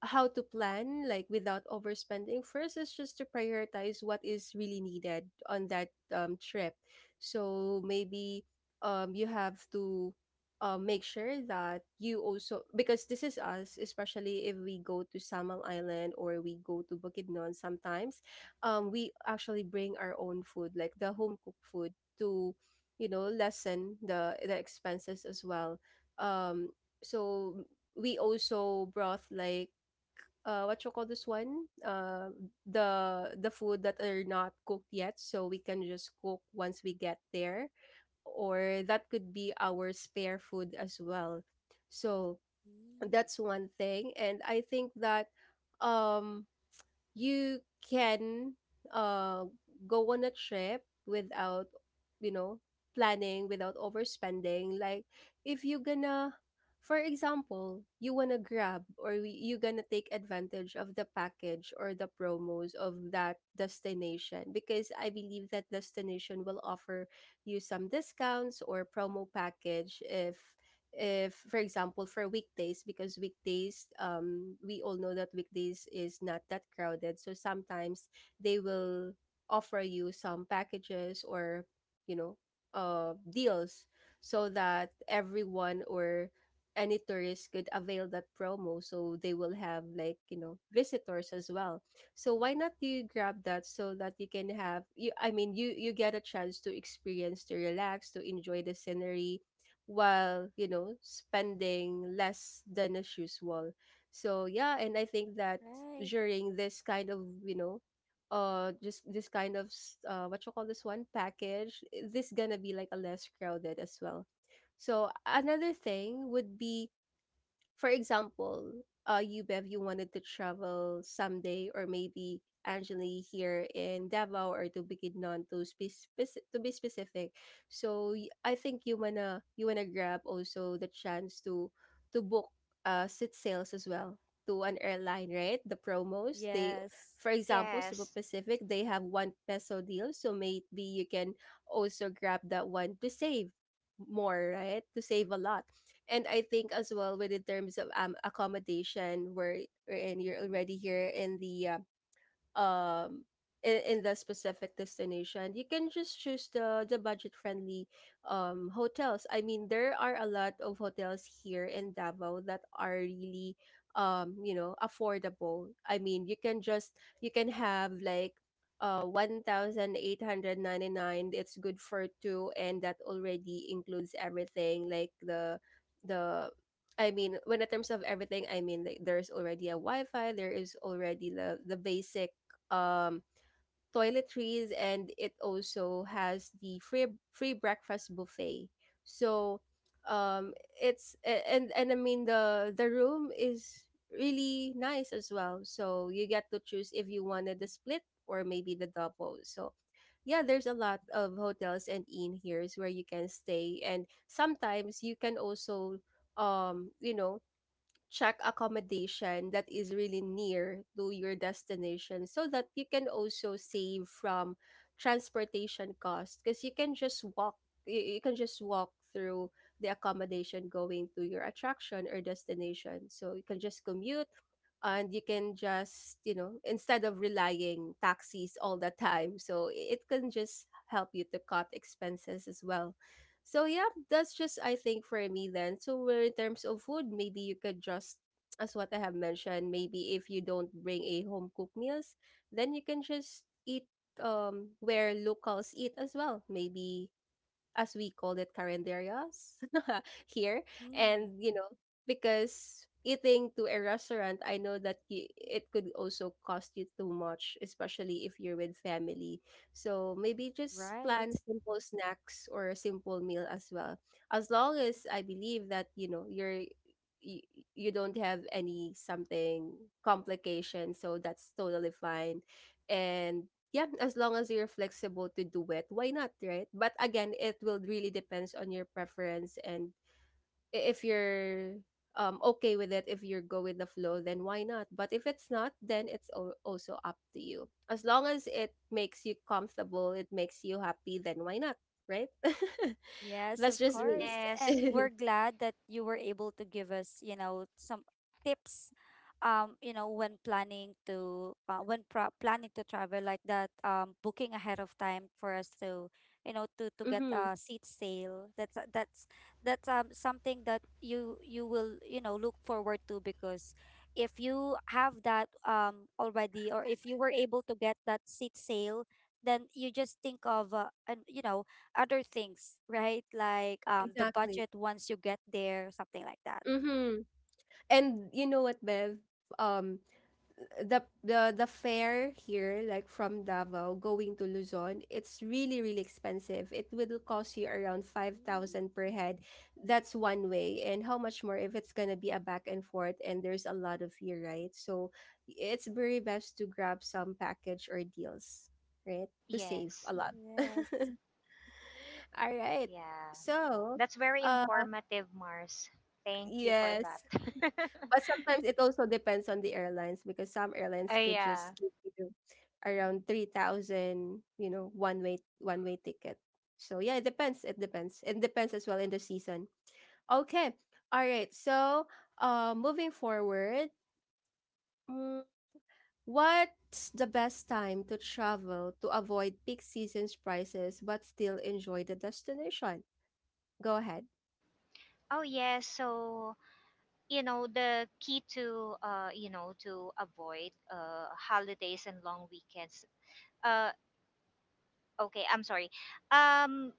Speaker 1: how to plan like without overspending, first, is just to prioritize what is really needed on that, um, trip. So maybe, um, you have to, uh, make sure that you also, because this is us, especially if we go to Samal Island or we go to Bukidnon sometimes, um, we actually bring our own food, like the home cooked food, to, you know lessen the the expenses as well. Um, so we also brought like, uh what you call this one, uh the the food that are not cooked yet, so we can just cook once we get there, or that could be our spare food as well. So
Speaker 3: Mm,
Speaker 1: that's one thing. And I think that, um you can, uh go on a trip without, you know planning without overspending, like, if you gonna, for example, you wanna grab, or we- you gonna take advantage of the package or the promos of that destination, because I believe that destination will offer you some discounts or promo package, if if for example for weekdays, because weekdays, um we all know that weekdays is not that crowded, so sometimes they will offer you some packages or, you know uh deals, so that everyone or any tourist could avail that promo, so they will have, like, you know visitors as well, so why not you grab that so that you can have, you I mean, you you get a chance to experience, to relax, to enjoy the scenery while you know spending less than as usual. So yeah, and I think that
Speaker 3: right.
Speaker 1: during this kind of you know uh just this kind of s- uh what you call this one, package, this gonna be like a less crowded as well. So another thing would be, for example, uh, you Bev, you wanted to travel someday, or maybe Angeli, here in Davao or to Bukidnon, to be speci- to be specific. So y- I think you wanna you wanna grab also the chance to to book uh seat sales as well, to an airline, right? The promos, they,
Speaker 3: Yes.
Speaker 1: for example, Cebu
Speaker 2: yes,
Speaker 1: Pacific, they have one peso deal, so maybe you can also grab that one to save more, right? To save a lot. And I think as well, with in terms of um accommodation, where and you're already here in the uh, um in, in the specific destination, you can just choose the the budget friendly um hotels. I mean, there are a lot of hotels here in Davao that are really um you know affordable. I mean, you can just, you can have like uh one thousand eight hundred ninety-nine. It's good for two and that already includes everything, like the the I mean, when in terms of everything, I mean, like, there's already a Wi-Fi. There is already the the basic um, toiletries, and it also has the free free breakfast buffet. So um, it's a- and and I mean the the room is really nice as well. So you get to choose if you wanted the split or maybe the double. So yeah, there's a lot of hotels and inn here where you can stay, and sometimes you can also um you know check accommodation that is really near to your destination so that you can also save from transportation costs, because you can just walk, you, you can just walk through the accommodation going to your attraction or destination, so you can just commute, and you can just you know instead of relying taxis all the time. So i- it can just help you to cut expenses as well. So yeah, that's just I think for me. Then so where in terms of food, maybe you could just, as what I have mentioned, maybe if you don't bring a home cooked meals, then you can just eat um where locals eat as well, maybe, as we called it, carinderias here.
Speaker 3: Mm,
Speaker 1: And, you know, because eating to a restaurant, I know that you, it could also cost you too much, especially if you're with family. So maybe just
Speaker 3: right.
Speaker 1: plan simple snacks or a simple meal as well. As long as I believe that, you know, you're you, you don't have any something complication, so that's totally fine. And yeah, as long as you're flexible to do it, why not, right? But again, it will really depends on your preference. And i- if you're um okay with it, if you're go with the flow, then why not? But if it's not, then it's al- also up to you. As long as it makes you comfortable, it makes you happy, then why not, right?
Speaker 3: Yes,
Speaker 1: That's
Speaker 3: of
Speaker 1: just me.
Speaker 3: course.
Speaker 2: yes,
Speaker 3: And we're glad that you were able to give us, you know, some tips, um, you know, when planning to, uh, when pro- planning to travel like that, um, booking ahead of time for us to, you know, to to get
Speaker 1: Mm-hmm.
Speaker 3: a seat sale. That's uh, that's that's um something that you you will, you know, look forward to, because if you have that um already, or if you were able to get that seat sale, then you just think of uh, and, you know, other things, right? Like um the
Speaker 1: Exactly.
Speaker 3: budget once you get there, something like that.
Speaker 1: Mm-hmm. And you know what, Bev? Um, the the the fare here, like from Davao going to Luzon, it's really, really expensive. It will cost you around
Speaker 3: Mm,
Speaker 1: five thousand per head. That's one way. And how much more if it's gonna be a back and forth and there's a lot of you, right? So it's very best to grab some package or deals, right? To save a
Speaker 2: yes,
Speaker 1: lot.
Speaker 3: Yes.
Speaker 1: All right.
Speaker 2: yeah.
Speaker 1: So,
Speaker 2: That's very
Speaker 1: uh,
Speaker 2: informative, Mars. Thank you for that.
Speaker 1: yes. But sometimes it also depends on the airlines because some
Speaker 2: Ah,
Speaker 1: airlines could
Speaker 2: yeah.
Speaker 1: just give you around three thousand, you know, one way one way ticket. So yeah, it depends. It depends. It depends as well in the season. Okay. All right. So, uh, moving forward, mm, what's the best time to travel to avoid peak season's prices but still enjoy the destination? Go ahead.
Speaker 2: Oh, yes. So, you know the key to uh you know to avoid uh holidays and long weekends uh okay I'm sorry um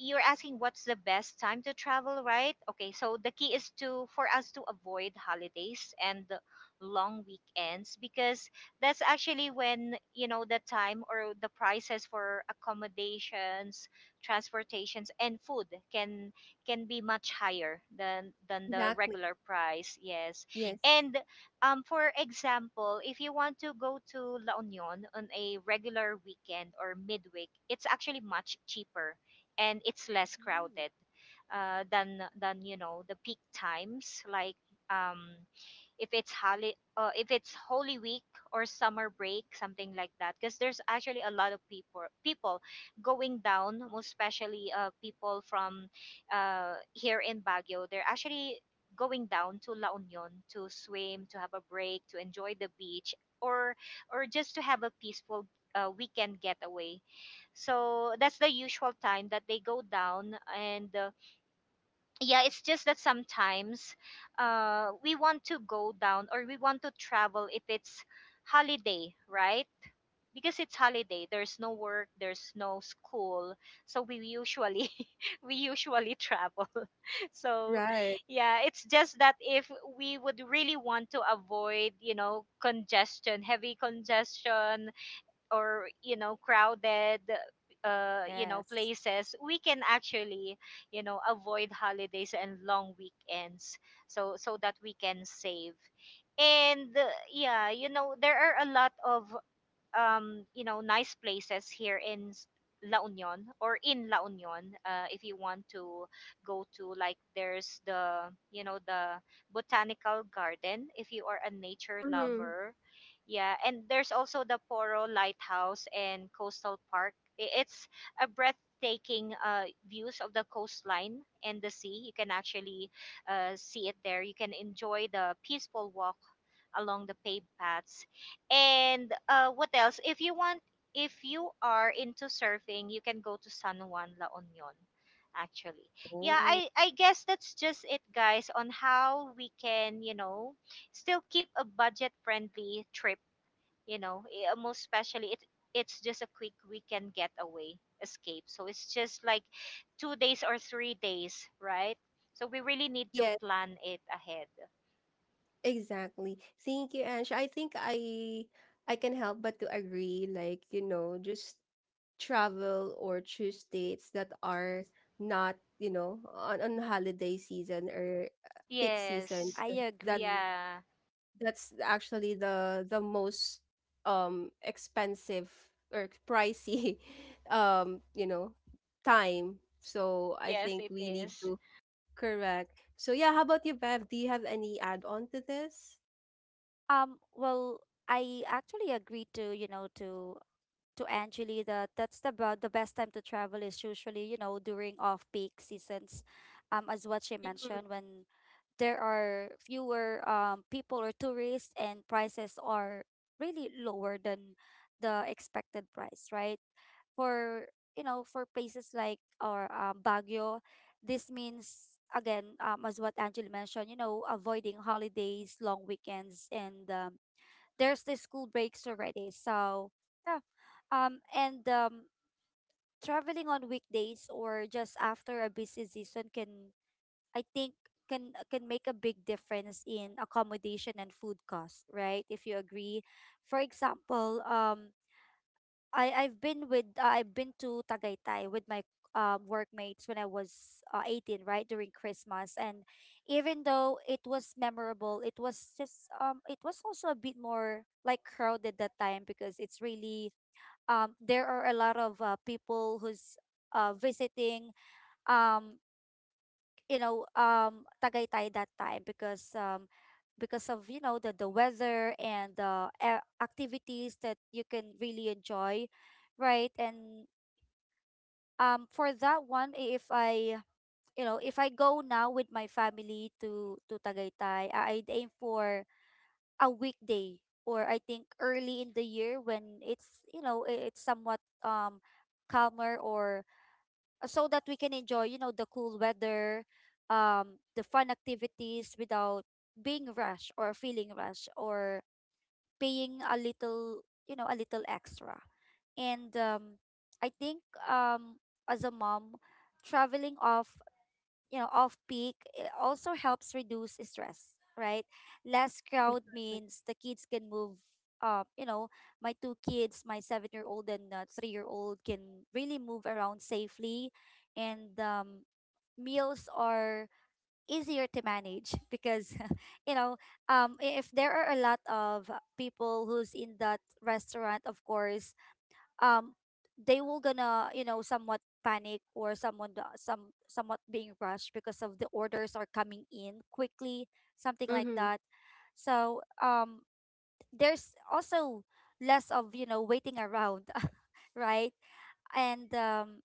Speaker 2: you're asking what's the best time to travel, right? Okay, so the key is to for us to avoid holidays and the long weekends, because that's actually when, you know, the time or the prices for accommodations, transportations and food can can be much higher than than the
Speaker 1: Exactly.
Speaker 2: regular price. Yes.
Speaker 1: Yes.
Speaker 2: And um for example, if you want to go to La Union on a regular weekend or midweek, it's actually much cheaper and it's less
Speaker 3: Mm,
Speaker 2: crowded, uh, than than you know the peak times, like, um if it's holi- uh, if it's Holy Week or summer break, something like that. Because there's actually a lot of people people going down, most especially uh, people from uh, here in Baguio. They're actually going down to La Union to swim, to have a break, to enjoy the beach, or or just to have a peaceful uh, weekend getaway. So that's the usual time that they go down. And uh, yeah, it's just that sometimes uh we want to go down or we want to travel if it's holiday, right? Because it's holiday, there's no work, there's no school, so we usually we usually travel. So
Speaker 1: Right.
Speaker 2: yeah, it's just that if we would really want to avoid, you know, congestion, heavy congestion, or you know crowded uh you know
Speaker 3: yes.
Speaker 2: places, we can actually, you know, avoid holidays and long weekends, so so that we can save. And uh, yeah, you know, there are a lot of um, you know, nice places here in s- La Union or in La Union. Uh, if you want to go to, like, there's the, you know, the botanical garden if you are a nature
Speaker 1: Mm-hmm.
Speaker 2: lover. Yeah, and there's also the Poro Lighthouse and Coastal Park. I- It's a breathtaking uh, views of the coastline and the sea. You can actually uh, see it there. You can enjoy the peaceful walk along the paved paths. And uh, what else? If you want, if you are into surfing, you can go to San Juan La Union. Actually, yeah,
Speaker 1: Oh.
Speaker 2: I I guess that's just it, guys, on how we can, you know, still keep a budget friendly trip. You know, eh, most especially it, it's just a quick weekend getaway escape. So it's just like two days or three days, right? So we really need to
Speaker 1: Yes.
Speaker 2: plan it ahead.
Speaker 1: Exactly. Thank you, Ange. I think I I can help but to agree, like, you know, just travel or choose dates that are not, you know, on, on holiday season or uh, peak season.
Speaker 2: Yes.
Speaker 3: I
Speaker 1: uh, That
Speaker 3: agree.
Speaker 2: Yeah.
Speaker 1: that's actually the the most um expensive or pricey um, you know, time. So I
Speaker 2: Yes,
Speaker 1: think
Speaker 2: it
Speaker 1: we need
Speaker 2: is.
Speaker 1: to correct. So yeah, how about you, Bev? Do you have any add on to this?
Speaker 3: Um, well, I actually agree to, you know, to to Angeli that that's the about the best time to travel is usually, you know, during off-peak seasons. Um, as what she
Speaker 1: Mhm.
Speaker 3: mentioned, when there are fewer um, people or tourists, and prices are really lower than the expected price, right? For You know, for places like, or um, Baguio, this means again, um, as what Angeli mentioned, you know, avoiding holidays, long weekends, and um, there's the school breaks already. So, yeah, um, and um, traveling on weekdays or just after a busy season can, I think, can can make a big difference in accommodation and food costs, right? If you agree, for example, um. I I've been with uh, I've been to Tagaytay with my uh, workmates when I was uh, eighteen, right during Christmas, and even though it was memorable, it was just um it was also a bit more like crowded that time, because it's really, um, there are a lot of uh, people who's uh visiting, um you know um Tagaytay, that time because um because of, you know, the the weather and the uh, activities that you can really enjoy, right? And um for that one, i- if i, you know, if I go now with my family to to Tagaytay, I- I'd aim for a weekday, or I think early in the year when it's, you know, i- it's somewhat um calmer, or uh, so that we can enjoy, you know, the cool weather, um the fun activities, without being rushed or feeling rushed, or paying a little, you know, a little extra. And um I think um as a mom, traveling off, you know, off peak, it also helps reduce stress, right? Less crowd means the kids can move, um you know, my two kids, my seven year old and, uh, three year old, can really move around safely. And um meals are easier to manage because you know, um i- if there are a lot of people who's in that restaurant, of course, um they will gonna, you know, somewhat panic, or someone the- some somewhat being rushed because of the orders are coming in quickly, something like
Speaker 1: Mm-hmm.
Speaker 3: that. So, um there's also less of, you know, waiting around right? And um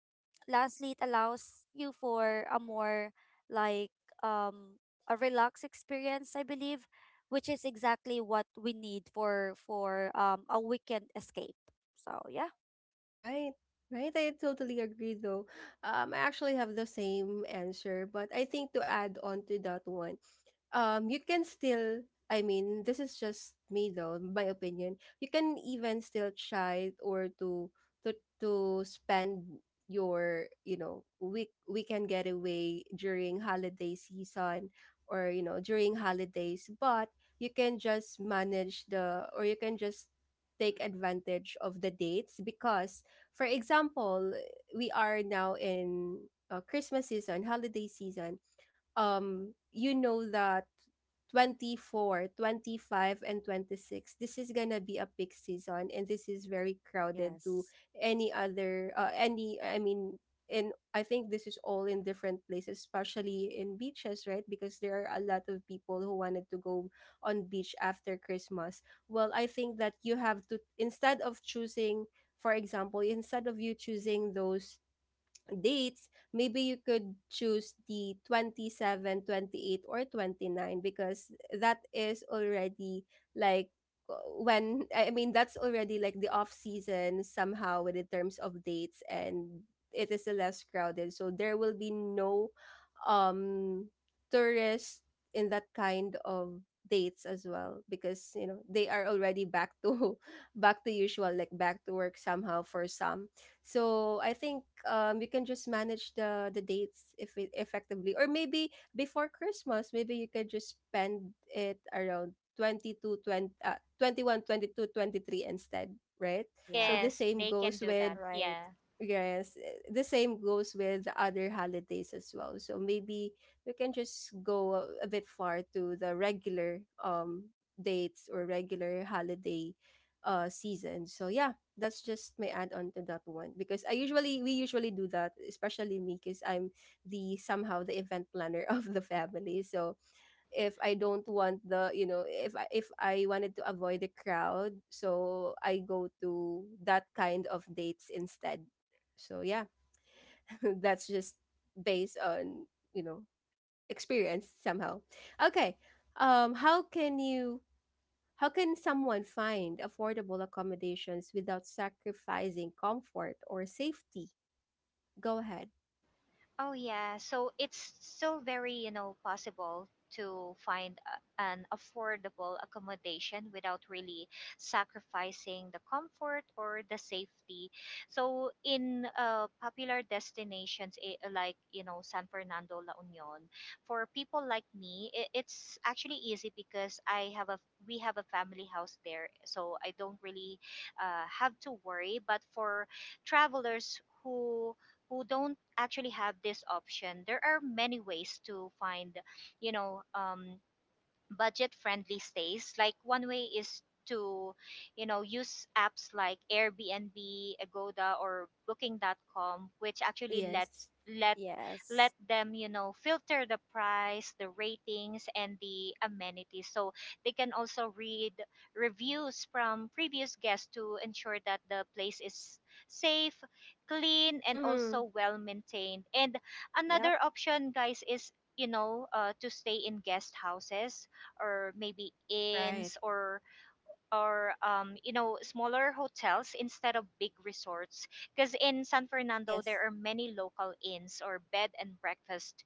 Speaker 3: lastly, it allows you for a more, like, um a relaxed experience, I believe, which is exactly what we need for, for um a weekend escape. So, yeah.
Speaker 1: Right. Right. I totally agree though. Um, I actually have the same answer, but I think to add on to that one, um you can still, I mean this is just me though, my opinion, you can even still try or to to to spend your you know week weekend getaway during holiday season or you know during holidays, but you can just manage the, or you can just take advantage of the dates because, for example, we are now in uh, Christmas season, holiday season. um you know that twenty four, twenty five, and twenty-six, this is gonna be a peak season and this is very crowded to
Speaker 3: Yes.
Speaker 1: any other uh, any I mean and I think this is all in different places, especially in beaches, right, because there are a lot of people who wanted to go on beach after Christmas. Well, I think that you have to, instead of choosing, for example, instead of you choosing those dates, maybe you could choose the twenty seven, twenty eight, or twenty-nine, because that is already, like, uh, when I I mean that's already like the off season somehow with the terms of dates and it is less crowded. So there will be no um tourists in that kind of dates as well, because you know they are already back to back to usual, like back to work somehow for some. So I think um you can just manage the the dates if it effectively, or maybe before Christmas maybe you can just spend it around twenty-two twenty uh, twenty-one twenty-two twenty-three instead, right? So
Speaker 3: Yeah.
Speaker 1: the
Speaker 2: Yes,
Speaker 1: same
Speaker 2: they can
Speaker 1: goes
Speaker 2: do
Speaker 1: with
Speaker 2: that.
Speaker 3: Right.
Speaker 2: Yeah.
Speaker 1: Yes, eh, the same goes with the other holidays as well. So maybe we can just go a, a bit far to the regular um dates or regular holiday uh season. So yeah, that's just my add on to that one, because I usually, we usually do that, especially me because I'm the somehow the event planner of the family. So if I don't want the, you know if I, if I wanted to avoid the crowd, so I go to that kind of dates instead. So yeah, that's just based on you know experience somehow. Okay, um, how can you? How can someone find affordable accommodations without sacrificing comfort or safety? Go ahead.
Speaker 2: Oh yeah, so it's still very, you know, possible to find a, an affordable accommodation without really sacrificing the comfort or the safety. So in uh, popular destinations, eh, like, you know, San Fernando, La Union, for people like me, it, it's actually easy because I have a we have a family house there, so I don't really uh, have to worry. But for travelers who who don't actually have this option, there are many ways to find, you know, um, budget friendly stays. Like, one way is to, you know, use apps like Airbnb, Agoda or Booking. Dot com, which actually lets
Speaker 1: Yes.
Speaker 2: let let
Speaker 3: Yes.
Speaker 2: them, you know, filter the price, the ratings and the amenities, so they can also read reviews from previous guests to ensure that the place is safe, clean and
Speaker 1: Mm-hmm.
Speaker 2: also well maintained. And
Speaker 3: Yep.
Speaker 2: another option, guys, is, you know, uh, to stay in guest houses or maybe
Speaker 1: Right.
Speaker 2: inns, or or um, you know, smaller hotels instead of big resorts, because in San Fernando
Speaker 1: Yes.
Speaker 2: there are many local inns or bed and breakfast,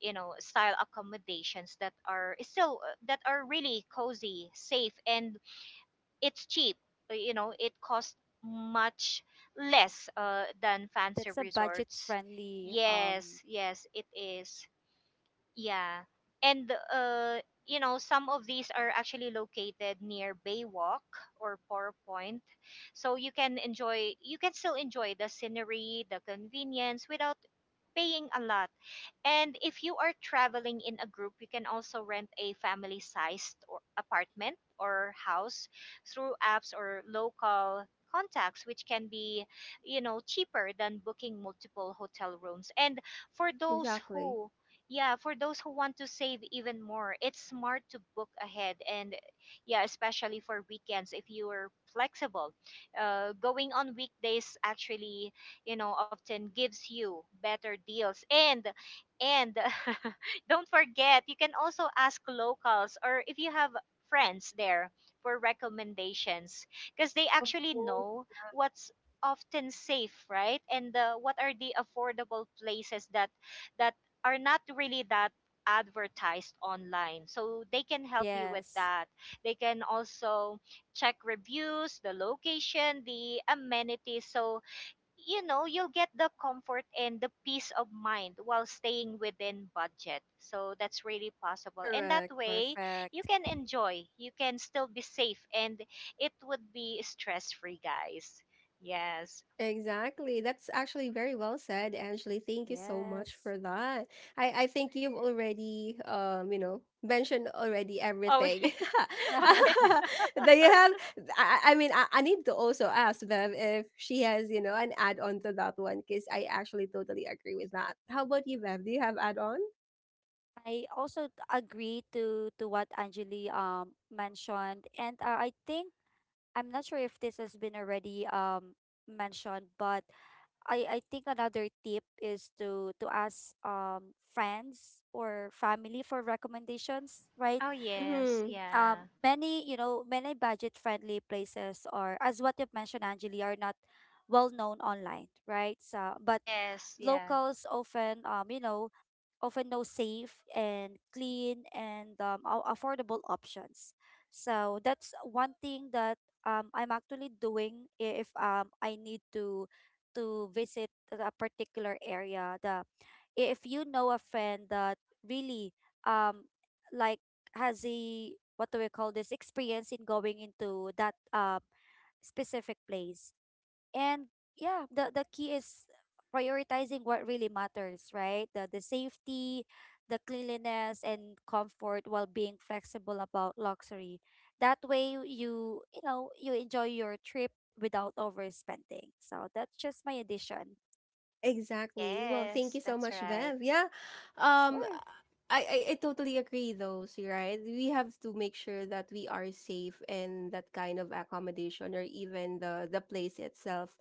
Speaker 2: you know, style accommodations that are still uh, that are really cozy, safe and it's cheap. Uh, you know, it costs much less uh, than fancy
Speaker 3: That's a budget
Speaker 2: resorts.
Speaker 3: friendly. Um,
Speaker 2: Yes, yes it is, yeah. And uh, you know, some of these are actually located near Baywalk or Poro Point. So you can enjoy, you can still enjoy the scenery, the convenience without paying a lot. And if you are traveling in a group, you can also rent a family sized or apartment or house through apps or local contacts, which can be, you know, cheaper than booking multiple hotel rooms. And for those
Speaker 1: Exactly.
Speaker 2: who yeah, for those who want to save even more, it's smart to book ahead. And yeah, especially for weekends, if you are flexible, uh, going on weekdays actually, you know, often gives you better deals. and and don't forget, you can also ask locals or if you have friends there for recommendations, because they
Speaker 1: Of
Speaker 2: actually
Speaker 1: course.
Speaker 2: know what's often safe, right? And uh, what are the affordable places that that are not really that advertised online. So they can help you with
Speaker 3: yes.
Speaker 2: that. They can also check reviews, the location, the amenities. So, you know, you'll get the comfort and the peace of mind while staying within budget. So that's really possible. And that
Speaker 1: Correct.
Speaker 2: way you
Speaker 3: Perfect.
Speaker 2: can enjoy, you can still be safe, and it would be stress free, guys. Yes.
Speaker 1: Exactly. That's actually very well said, Angeli. Thank you so much
Speaker 3: Yes.
Speaker 1: for that. I, I think you've already um, you know, mentioned already
Speaker 2: Oh.
Speaker 1: everything.
Speaker 2: Okay.
Speaker 1: Do you have I, I I mean I, I need to also ask Bev if she has, you know, an add on to that one, because I actually totally agree with that. How about you, Bev? Do you have add on?
Speaker 3: I also agree to to what Anjali um mentioned, and uh, I think I'm not sure if this has been already um mentioned, but I I think another tip is to to ask um friends or family for recommendations, right?
Speaker 2: Oh yes,
Speaker 1: Mm-hmm.
Speaker 2: yeah,
Speaker 3: Um many, you know, many budget friendly places, or as what you've mentioned, Angeli, are not well known online, right? So, but
Speaker 2: yes, yeah,
Speaker 3: locals often, um you know, often know safe and clean and, um, a- affordable options. So that's one thing that, um I'm actually doing if, um I need to to visit a particular area, the, if you know a friend that really, um like, has a, what do we call this, experience in going into that, um specific place. And yeah, the the key is prioritizing what really matters, right? The the safety, the cleanliness and comfort, while being flexible about luxury. That way you, you know, you enjoy your trip without overspending. So that's just my addition.
Speaker 1: Exactly. Well, thank
Speaker 2: yes
Speaker 1: you so
Speaker 2: that's
Speaker 1: much,
Speaker 2: right.
Speaker 1: Bev. Yeah. Um
Speaker 3: Sure.
Speaker 1: I, I, I totally agree though, so you're right? We have to make sure that we are safe in that kind of accommodation or even the the place itself.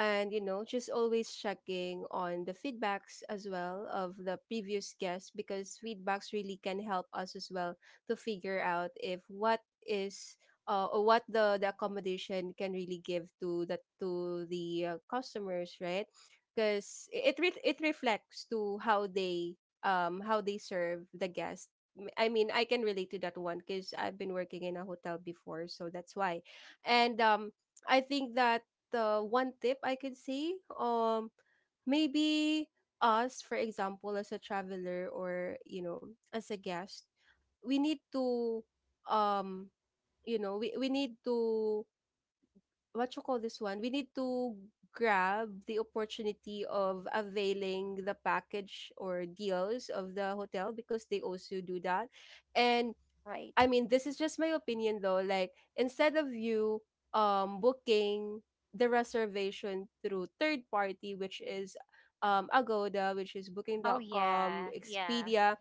Speaker 1: And you know, just always checking on the feedbacks as well of the previous guests, because feedbacks really can help us as well to figure out if what is uh, or what the, the accommodation can really give to the to the uh, customers, right? Because it re- it reflects to how they um how they serve the guest. M- I mean, I can relate to that one because I've been working in a hotel before, so that's why. And um, I think that the one tip I could say, um, maybe us, for example, as a traveler or you know, as a guest, we need to um you know we, we need to what you call this one? We need to grab the opportunity of availing the package or deals of the hotel because they also do that. And
Speaker 3: Right.
Speaker 1: I mean, this is just my opinion though. Like, instead of you um booking the reservation through third party, which is um Agoda, which is Booking
Speaker 2: Oh
Speaker 1: dot com,
Speaker 2: yeah, yeah,
Speaker 1: Expedia,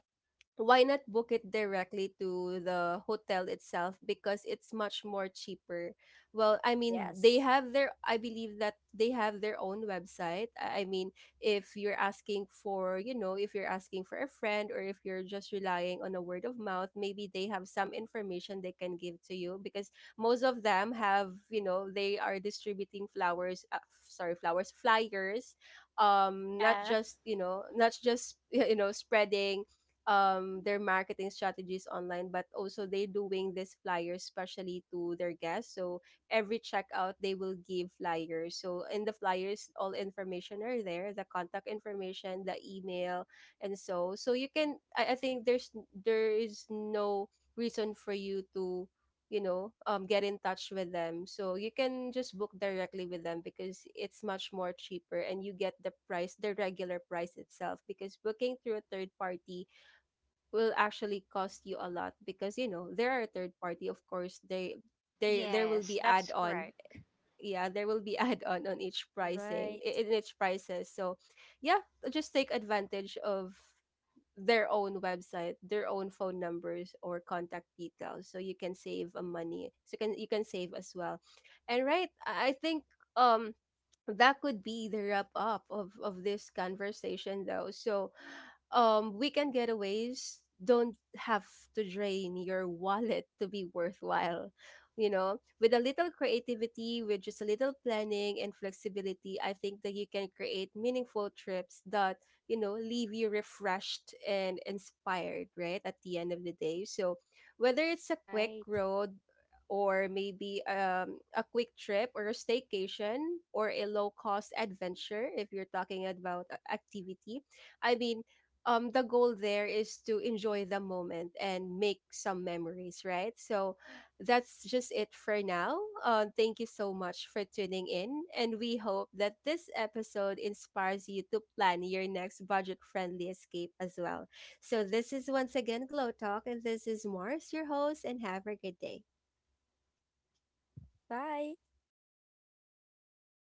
Speaker 1: why not book it directly to the hotel itself, because it's much more cheaper. Well, I mean they
Speaker 3: Yes.
Speaker 1: have their, I believe that they have their own website. i I mean, if you're asking for, you know if you're asking for a friend, or if you're just relying on a word of mouth, maybe they have some information they can give to you, because most of them have, you know, they are distributing flowers, uh, f- sorry flowers flyers. um not
Speaker 2: yeah,
Speaker 1: just, you know not just you know spreading um their marketing strategies online, but also they doing this flyers, especially to their guests. So every checkout they will give flyers, so in the flyers all information are there, the contact information, the email, and so so you can, i, I think there's there is no reason for you to, you know um get in touch with them, so you can just book directly with them because it's much more cheaper, and you get the price, the regular price itself, because booking through a third party will actually cost you a lot, because you know there are a third party, of course they they there will
Speaker 2: yes,
Speaker 1: be add
Speaker 2: that's
Speaker 1: on,
Speaker 2: correct.
Speaker 1: yeah there will be add on on each pricing,
Speaker 3: Right.
Speaker 1: i- in each prices. So yeah, just take advantage of their own website, their own phone numbers or contact details, so you can save a money, so you can, you can save as well. And right, i I think um that could be the wrap up of of this conversation though. So um weekend getaways don't have to drain your wallet to be worthwhile. You know, with a little creativity, with just a little planning and flexibility, I think that you can create meaningful trips that, you know, leave you refreshed and inspired right at the end of the day. So whether it's a quick
Speaker 3: Right.
Speaker 1: road or maybe um, a quick trip or a staycation or a low cost adventure, if you're talking about a- activity, I mean um the goal there is to enjoy the moment and make some memories, right? So that's just it for now. Uh, thank you so much for tuning in, and we hope that this episode inspires you to plan your next budget friendly escape as well. So this is once again Glow Talk, and this is Mars, your host, and have a good day.
Speaker 3: Bye.